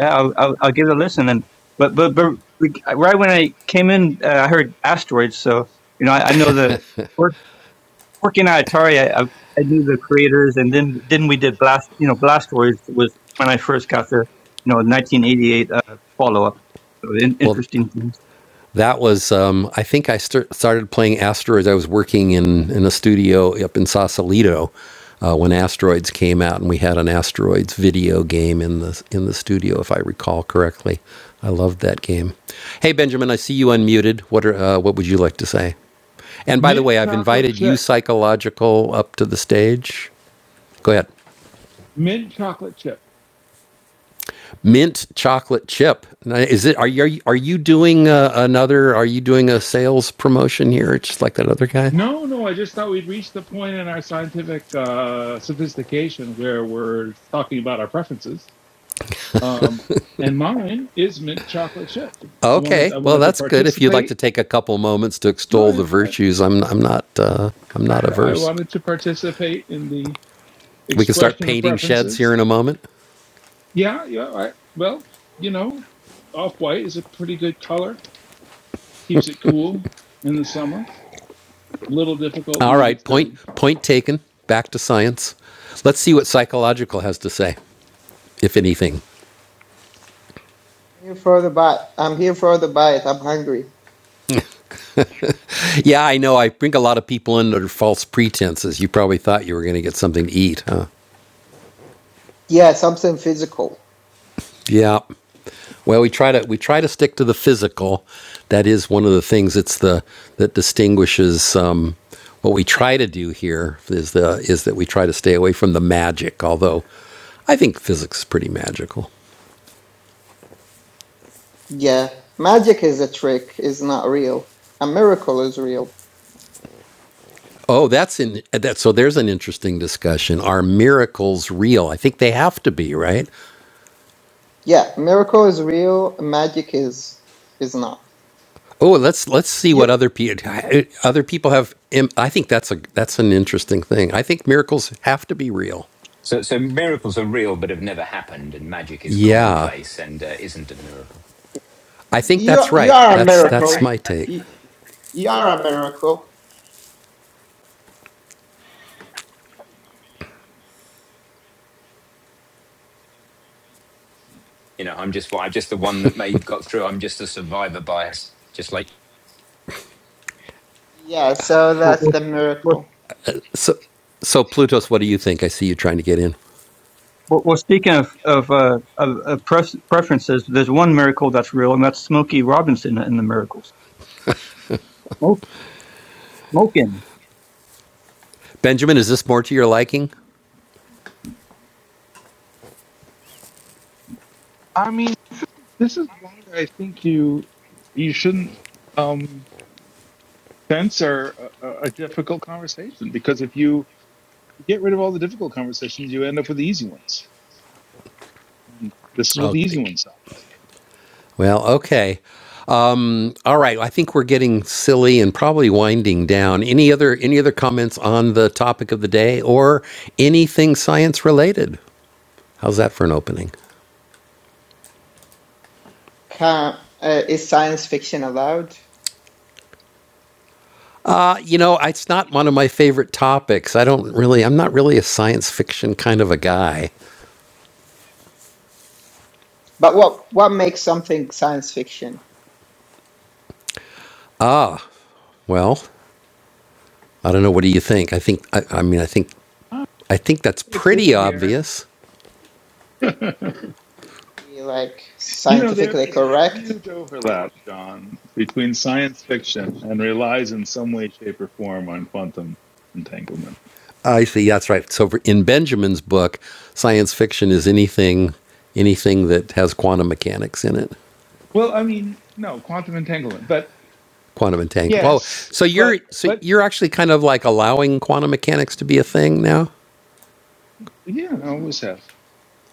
Speaker 7: yeah, I'll I'll, I'll give it a listen. And but but but right when I came in, uh, I heard Asteroids. So you know, I, I know the work, working at Atari, I, I I knew the creators, and then then we did Blast. You know, Blastoids was when I first got the you know 1988 uh, follow up. So in,
Speaker 1: Well,
Speaker 7: interesting things.
Speaker 1: that was um, I think I start, started playing asteroids. I was working in in a studio up in Sausalito uh, when asteroids came out, and we had an asteroids video game in the in the studio, if I recall correctly. I loved that game. Hey Benjamin, I see you unmuted. What are uh, what would you like to say? And by the
Speaker 4: Mint
Speaker 1: way, I've
Speaker 4: chocolate
Speaker 1: invited you
Speaker 4: chip.
Speaker 1: psychological up to the stage. Go ahead.
Speaker 4: Mint chocolate chip.
Speaker 1: Mint chocolate chip. Is it? Are you? Are you doing uh, another? Are you doing a sales promotion here, just like that other guy?
Speaker 4: No, no, I just thought we'd reached the point in our scientific uh, sophistication where we're talking about our preferences. Um, and mine is mint chocolate chip. I wanted
Speaker 1: Okay,
Speaker 4: I
Speaker 1: well
Speaker 4: wanted to
Speaker 1: that's good. If you'd like
Speaker 4: participate
Speaker 1: to take a couple moments to extol the
Speaker 4: No, I,
Speaker 1: virtues, I'm I'm not uh, I'm not
Speaker 4: I, (laughs) I
Speaker 1: averse.
Speaker 4: wanted to participate in the
Speaker 1: We can start
Speaker 4: expression of
Speaker 1: painting sheds here
Speaker 4: preferences.
Speaker 1: in a moment.
Speaker 4: Yeah, yeah. I, well, you know, off white is a pretty good color. Keeps it cool in the summer. Little difficult
Speaker 1: All
Speaker 4: when it
Speaker 1: right,
Speaker 4: gets
Speaker 1: point
Speaker 4: dirty.
Speaker 1: Point. point taken. Back to science. Let's see what psychological has to say, if anything.
Speaker 8: I'm here for the bite. I'm here for the bite. I'm hungry.
Speaker 1: Yeah, I know. I bring a lot of people in under false pretenses. You probably thought you were going to get something to eat, huh?
Speaker 8: Yeah, something physical.
Speaker 1: Yeah. Well, we try to we try to stick to the physical. That is one of the things. It's the that distinguishes um, what we try to do here is the is that we try to stay away from the magic. Although, I think physics is pretty magical.
Speaker 8: Yeah. Magic is a trick, is not real. A miracle is real.
Speaker 1: Oh, that's in that. So there's an interesting discussion. Are miracles real? I think they have to be, right?
Speaker 8: Yeah, miracle is real, magic is is not.
Speaker 1: Oh, let's let's see
Speaker 8: You
Speaker 1: what other people other people have. im- I think that's a that's an interesting thing. I think miracles have to be real.
Speaker 2: So, so miracles are real, but have never happened, and magic is
Speaker 1: Yeah,
Speaker 2: commonplace and uh, isn't a miracle.
Speaker 1: I think that's
Speaker 8: you you
Speaker 1: right.
Speaker 8: are a
Speaker 1: That's that's
Speaker 8: miracle.
Speaker 1: my take.
Speaker 8: You, you are a miracle.
Speaker 2: You know, I'm just well, I'm just the one that made got through. I'm just a survivor bias. Just like
Speaker 8: Yeah, so that's
Speaker 7: Cool.
Speaker 8: the miracle.
Speaker 1: So, so Plutos, what do you think? I see you trying to get in.
Speaker 7: Well, well speaking of of, uh, of, of pref- preferences, there's one miracle that's real, and that's Smokey Robinson in the miracles. Smoke, smoking.
Speaker 1: Benjamin, is this more to your liking?
Speaker 4: I mean, this is why I think you you shouldn't um, censor a, a a difficult conversation because if you get rid of all the difficult conversations, you end up with the easy ones. And this is what
Speaker 1: Oh,
Speaker 4: the easy ones sound like.
Speaker 1: well, okay, all right. I think we're getting silly and probably winding down. Any other any other comments on the topic of the day or anything science related? How's that for an opening?
Speaker 8: Can, uh, is science fiction allowed?
Speaker 1: Uh, you know, it's not one of my favorite topics. I don't really, I'm not really a science fiction kind of a guy.
Speaker 8: But what what makes something science fiction?
Speaker 1: Well, I don't know. What do you think? I think, I, I mean, I think,
Speaker 4: I'm
Speaker 1: I think that's
Speaker 4: getting a
Speaker 1: pretty
Speaker 4: clue here.
Speaker 1: obvious.
Speaker 4: (laughs)
Speaker 8: Be like
Speaker 4: You know, there
Speaker 8: scientifically
Speaker 4: is a
Speaker 8: correct?
Speaker 4: huge overlap, John, between science fiction and relies in some way, shape, or form on quantum entanglement.
Speaker 1: I see. That's right. So for- in Benjamin's book, science fiction is anything, anything that has quantum mechanics in it,
Speaker 4: Well, I mean, no, quantum entanglement, but
Speaker 1: quantum entanglement. Oh,
Speaker 4: yes,
Speaker 1: so you're,
Speaker 4: but,
Speaker 1: so
Speaker 4: but
Speaker 1: you're actually kind of like allowing quantum mechanics to be a thing now.
Speaker 4: yeah, I always have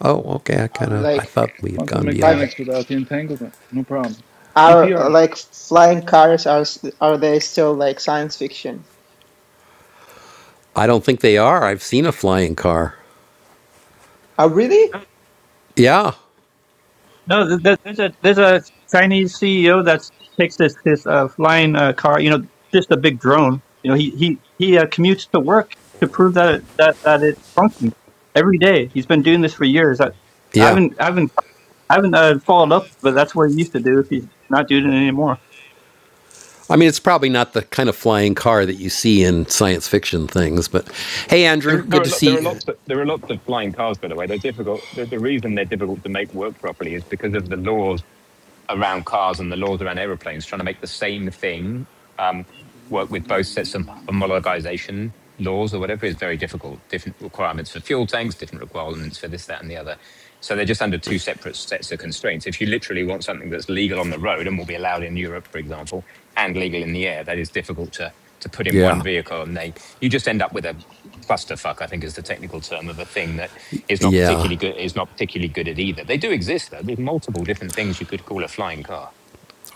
Speaker 1: Oh, okay. I
Speaker 8: Uh,
Speaker 1: kind of, I
Speaker 8: Like
Speaker 1: thought we had
Speaker 4: quantum
Speaker 1: gone beyond
Speaker 8: like
Speaker 1: that.
Speaker 4: mechanics without the entanglement. No problem.
Speaker 8: Are uh,
Speaker 4: EPR.
Speaker 8: like flying cars are s- are they still like science fiction?
Speaker 1: I don't think they are. I've seen a flying car.
Speaker 8: Are really?
Speaker 1: Yeah.
Speaker 7: No, th- th- there's a there's a Chinese CEO that takes this this uh, flying uh, car, you know, just a big drone. You know, he he he uh, commutes to work to prove that it, that that it functions every day. He's been doing this for years. I, I
Speaker 1: Yeah.
Speaker 7: haven't I haven't I haven't uh, followed up, but that's what he used to do. If he's not doing it anymore.
Speaker 1: I mean, it's probably not the kind of flying car that you see in science fiction things, but hey, Andrew,
Speaker 2: there, there
Speaker 1: good
Speaker 2: are
Speaker 1: to
Speaker 2: lo- there
Speaker 1: see
Speaker 2: are
Speaker 1: you.
Speaker 2: lots of, there are lots of flying cars. By the way, they're difficult. The, the reason they're difficult to make work properly is because of the laws around cars and the laws around aeroplanes, trying to make the same thing um, work with both sets of homologization laws or whatever is very difficult. Different requirements for fuel tanks, different requirements for this, that, and the other. So they're just under two separate sets of constraints. If you literally want something that's legal on the road and will be allowed in Europe, for example, and legal in the air, that is difficult to to put in one
Speaker 1: Yeah.
Speaker 2: vehicle and they you just end up with a clusterfuck, I think is the technical term of a thing that is not
Speaker 1: Yeah.
Speaker 2: particularly good is not particularly good at either. They do exist though. There's multiple different things you could call a flying car.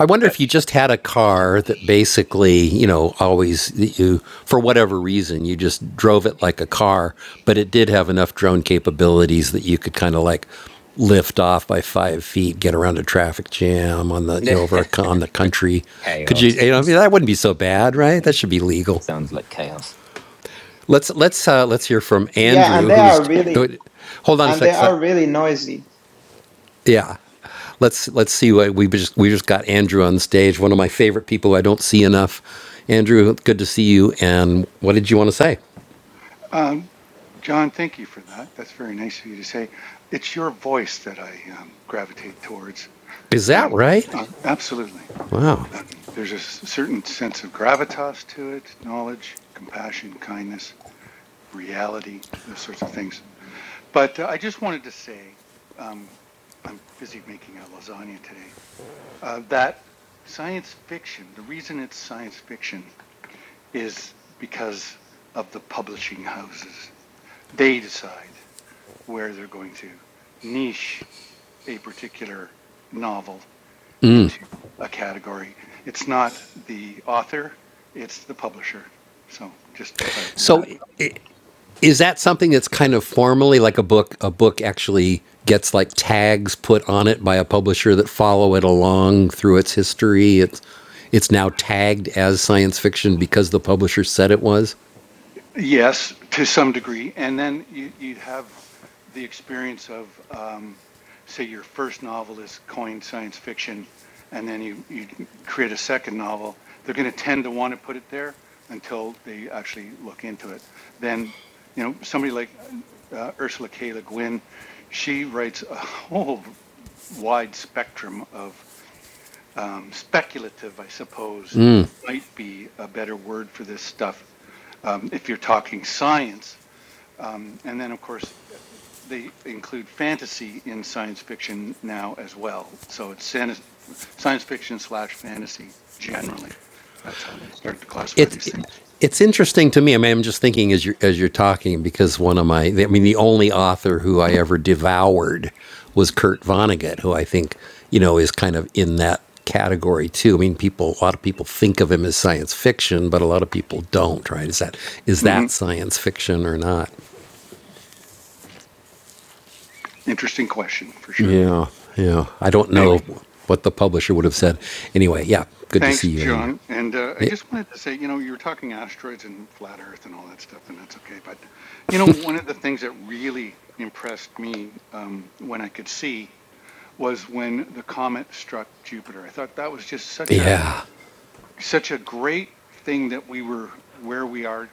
Speaker 1: I wonder if
Speaker 2: But
Speaker 1: you just had a car that basically, you know, always you, for whatever reason, you just drove it like a car, but it did have enough drone capabilities that you could kind of like lift off by five feet, get around a traffic jam on the, you know,
Speaker 2: (laughs)
Speaker 1: over a, on the country. Could you,
Speaker 2: chaos
Speaker 1: you know, I mean, that wouldn't be so bad, right? That should be legal.
Speaker 2: sounds like chaos.
Speaker 1: Let's let's uh, let's hear from
Speaker 8: Yeah, and
Speaker 1: Andrew,
Speaker 8: they
Speaker 1: who's
Speaker 8: are
Speaker 1: oh,
Speaker 8: really
Speaker 1: hold on a
Speaker 8: and they
Speaker 1: sec. sec.
Speaker 8: are really noisy.
Speaker 1: Yeah, let's let's see what we just we just got Andrew on stage, one of my favorite people I don't see enough. Andrew, good to see you. And what did you want to say?
Speaker 9: Um, John, thank you for that. That's very nice of you to say. It's your voice that I um, gravitate towards.
Speaker 1: Is that
Speaker 9: Um,
Speaker 1: right?
Speaker 9: uh, absolutely.
Speaker 1: Wow.
Speaker 9: Um, there's a s- certain sense of gravitas to it, knowledge, compassion, kindness, reality, those sorts of things. But uh, I just wanted to say, um, I'm busy making a lasagna today, uh, that science fiction, the reason it's science fiction is because of the publishing houses. They decide. where they're going to niche a particular novel into a category. It's not the author, it's the publisher. So just to clarify
Speaker 1: So
Speaker 9: that.
Speaker 1: i- is that something that's kind of formally like a book? A book actually gets like tags put on it by a publisher that follow it along through its history. It's it's now tagged as science fiction because the publisher said it was.
Speaker 9: Yes, to some degree. And then you, you'd have the experience of, um, say, your first novel is coined science fiction, and then you, you create a second novel. They're going to tend to want to put it there until they actually look into it. Then, you know, somebody like uh, Ursula K. Le Guin, she writes a whole wide spectrum of um, speculative, I suppose, might be a better word for this stuff um, if you're talking science. And then, of course, they include fantasy in science fiction now as well. So it's san- science fiction slash fantasy generally. That's how we start to classify
Speaker 1: it's
Speaker 9: these
Speaker 1: it,
Speaker 9: things.
Speaker 1: it's interesting to me. I mean, I'm just thinking as you're as you're talking because one of my, I mean, the only author who I ever devoured was Kurt Vonnegut, who I think you know is kind of in that category too. I mean, people, a lot of people think of him as science fiction, but a lot of people don't. Right? Is that is
Speaker 9: hmm
Speaker 1: that science fiction or not?
Speaker 9: Interesting question for sure.
Speaker 1: Yeah, yeah. I don't
Speaker 9: Anyway.
Speaker 1: know what the publisher would have said. Anyway, yeah. Good to see
Speaker 9: Thanks,
Speaker 1: you, Andrew.
Speaker 9: John. And uh, I
Speaker 1: Y-
Speaker 9: just wanted to say, you know, you were talking asteroids and flat Earth and all that stuff, and that's okay. But, you know, one of the things that really impressed me um, when I could see was when the comet struck Jupiter. I thought that was just such a
Speaker 1: yeah.
Speaker 9: such a great thing that we were where we are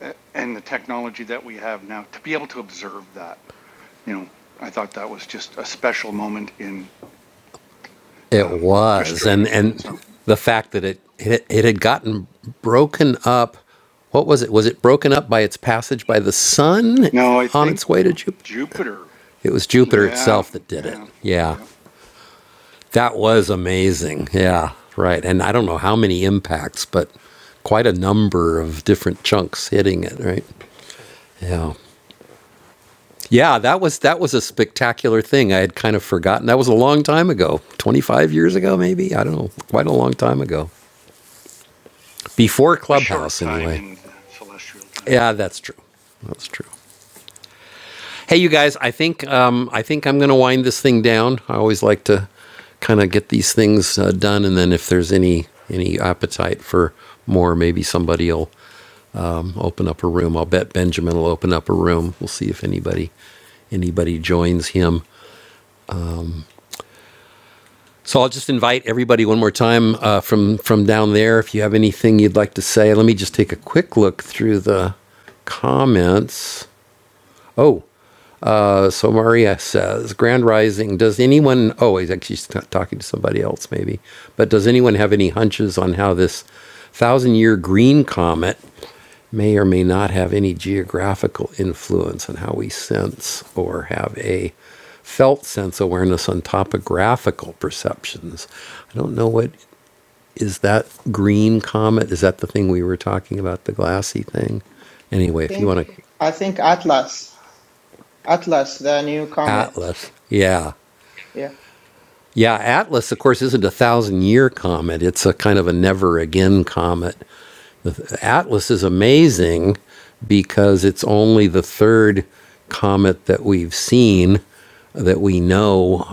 Speaker 9: uh, and the technology that we have now to be able to observe that. You know, I thought that was just a special moment in
Speaker 1: It
Speaker 9: um,
Speaker 1: was, and
Speaker 9: astronomy. So,
Speaker 1: and the fact that it it, it had gotten broken up. What was it? Was it broken up by its passage by the sun
Speaker 9: no, I
Speaker 1: on its
Speaker 9: think
Speaker 1: way to Jupiter?
Speaker 9: Jupiter
Speaker 1: It was Jupiter
Speaker 9: Yeah,
Speaker 1: itself that did it.
Speaker 9: yeah,
Speaker 1: Yeah,
Speaker 9: yeah.
Speaker 1: that was amazing. Yeah, right. And I don't know how many impacts, but quite a number of different chunks hitting it. Right. Yeah. Yeah, that was that was a spectacular thing. I had kind of forgotten. That was a long time ago, twenty five years ago, maybe. I don't know, quite a long time ago. before
Speaker 9: A short
Speaker 1: Clubhouse
Speaker 9: time
Speaker 1: anyway.
Speaker 9: in celestial time.
Speaker 1: Yeah, that's true. That's true. Hey, you guys, I think um, I think I'm going to wind this thing down. I always like to kind of get these things uh, done, and then if there's any any appetite for more, maybe somebody'll um, open up a room. I'll bet Benjamin will open up a room. We'll see if anybody anybody joins him. So I'll just invite everybody one more time uh, from from down there. If you have anything you'd like to say, let me just take a quick look through the comments. Oh. Uh, so Maria says, Grand Rising, does anyone, oh, he's actually t- talking to somebody else maybe, but does anyone have any hunches on how this thousand year green comet may or may not have any geographical influence on how we sense or have a felt sense awareness on topographical perceptions? I don't know what is that green comet? Is that the thing we were talking about, the glassy thing?
Speaker 8: I
Speaker 1: Anyway, if you
Speaker 8: think
Speaker 1: want to,
Speaker 8: I think Atlas Atlas the new comet.
Speaker 1: Atlas, yeah.
Speaker 8: Yeah.
Speaker 1: Yeah, Atlas, of course, isn't a thousand year comet. It's a kind of a never again comet. Atlas is amazing because it's only the third comet that we've seen that we know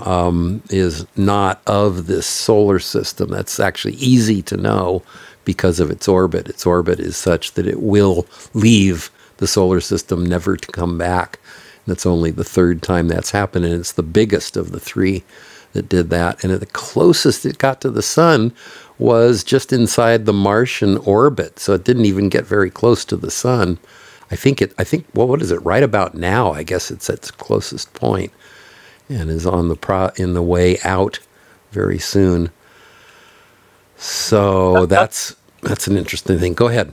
Speaker 1: is not of this solar system. That's actually easy to know because of its orbit. Its orbit is such that it will leave the solar system never to come back. And that's only the third time that's happened, and it's the biggest of the three that did that. And the closest it got to the sun was just inside the Martian orbit, so it didn't even get very close to the sun. I think it. I think well, what is it? Right about now, I guess it's at its closest point and is on the pro in the way out very soon. So that's that's an interesting thing. Go ahead.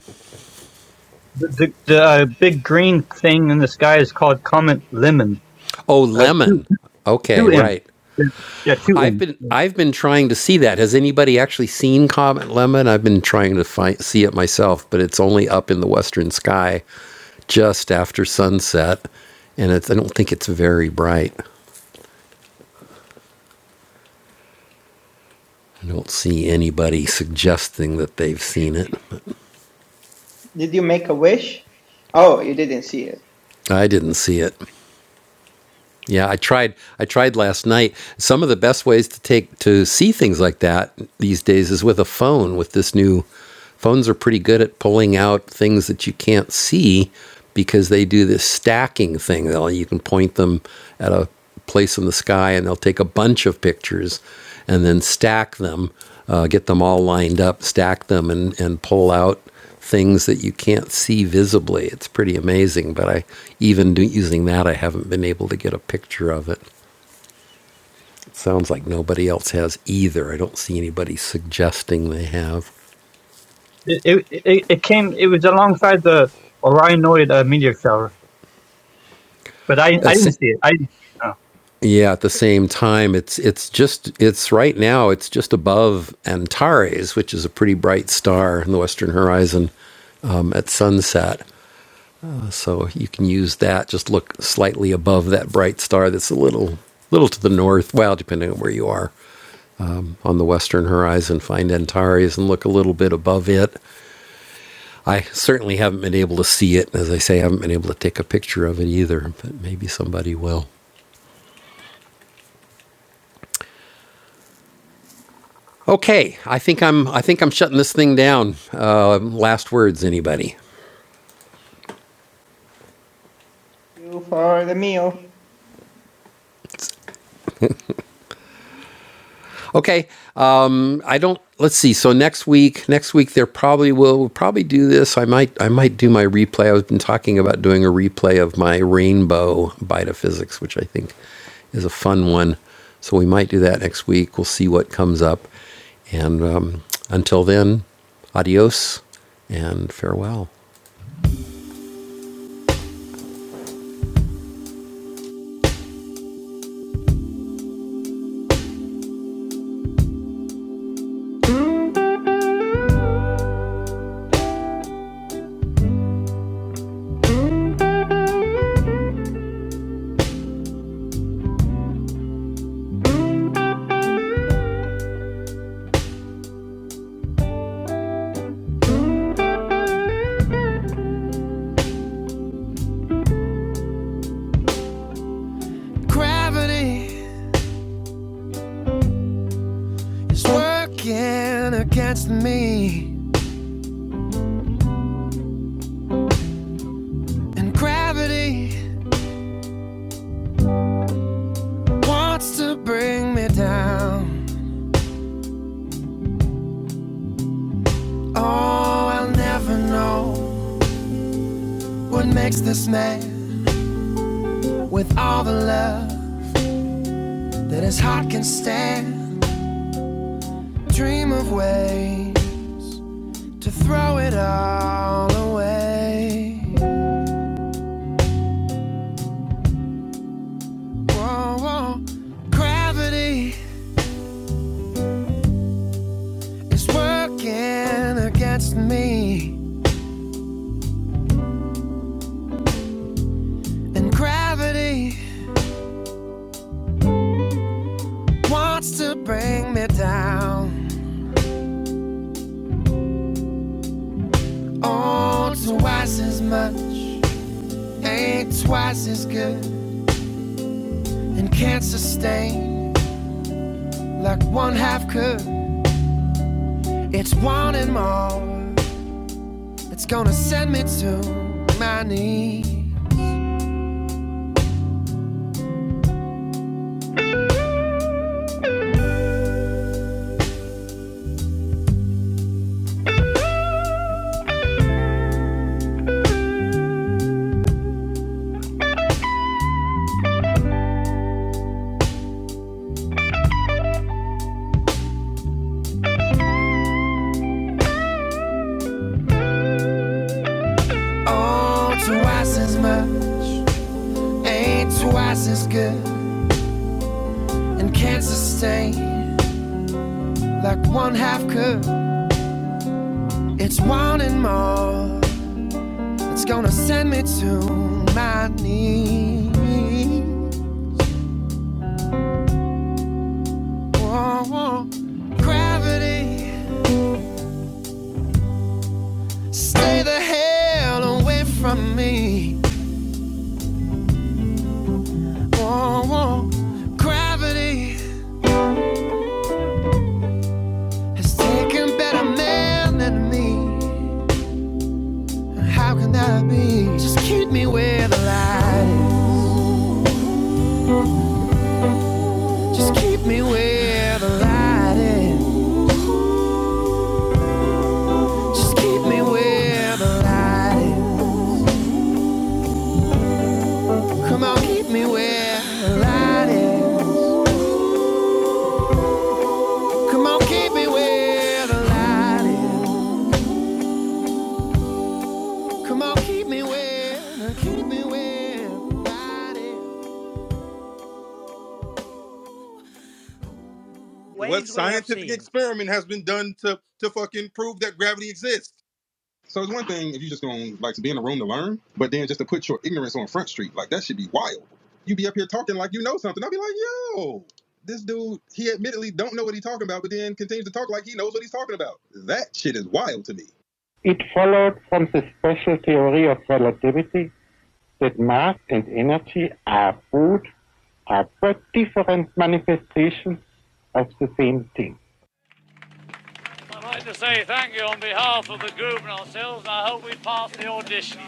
Speaker 7: The, the uh, big green thing in the sky is called Comet Lemon.
Speaker 1: Oh,
Speaker 7: Uh, two
Speaker 1: Lemon.
Speaker 7: two
Speaker 1: Okay,
Speaker 7: M.
Speaker 1: right.
Speaker 7: Yeah, yeah, two
Speaker 1: I've been
Speaker 7: M.
Speaker 1: I've been trying to see that. Has anybody actually seen Comet Lemon? I've been trying to find, see it myself, but it's only up in the western sky just after sunset, and it's, I don't think it's very bright. I don't see anybody suggesting that they've seen it.
Speaker 8: Did you make a wish? Oh, you didn't see it.
Speaker 1: I didn't see it. Yeah, I tried. I tried last night. Some of the best ways to take to see things like that these days is with a phone. With this new, phones are pretty good at pulling out things that you can't see because they do this stacking thing. They'll, you can point them at a place in the sky, and they'll take a bunch of pictures and then stack them, uh, get them all lined up, stack them, and and pull out things that you can't see visibly. It's pretty amazing, but I even do, using that, I haven't been able to get a picture of it. It sounds like nobody else has either. I don't see anybody suggesting they have.
Speaker 7: It, it it it came. It was alongside the Orionoid uh, meteor shower, but I
Speaker 1: Uh,
Speaker 7: I
Speaker 1: sa-
Speaker 7: didn't see it. I
Speaker 1: yeah, at the same time, it's it's just it's right now it's just above Antares, which is a pretty bright star in the western horizon um, at sunset. Uh, So you can use that. Just look slightly above that bright star. That's a little little to the north. Well, depending on where you are. on the western horizon, find Antares, and look a little bit above it. I certainly haven't been able to see it. As I say, I haven't been able to take a picture of it either, but maybe somebody will. Okay, I think I'm. I think I'm shutting this thing down. Uh, last words, anybody?
Speaker 8: You for the meal.
Speaker 1: Okay, I don't. Let's see. So next week, next week there probably will we'll probably do this. I might I might do my replay. I've been talking about doing a replay of my rainbow bite physics, which I think is a fun one. So we might do that next week. We'll see what comes up. And um, until then, adios and farewell. Gravity is working against me, and gravity wants to bring me down. Oh, I'll never know what makes this man with all the love that his heart can stand. Dream of ways to throw it all away. Whoa, whoa. Gravity is working against me, and gravity wants to bring me down. Oh, twice as much ain't twice as good and can't sustain like one half could. It's wanting more. It's gonna send me to my knees. Oh, twice as much ain't twice as good, and can't sustain like one half could. It's wanting more. It's gonna send me to my knees. Oh, gravity, stay the hell away from me. Oh, gravity. has taken better men than me. How can that be? Just keep me where the light is. Just keep me where the light is. Just keep me where the light is. Come on, keep me where the light is. Come on, keep me where the light is. Come on, keep me where, keep me where the light is. What scientific experiment has been done to to fucking prove that gravity exists? So it's one thing if you just gonna like to be in a room to learn, but then just to put your ignorance on front street, like that should be wild. You be up here talking like you know something. I'll be like, yo, this dude, he admittedly don't know what he's talking about, but then continues to talk like he knows what he's talking about. That shit is wild to me. It followed from the special theory of relativity that mass and energy are both are but different manifestations of the same thing. I'd like to say thank you on behalf of the group and ourselves. I hope we pass the audition.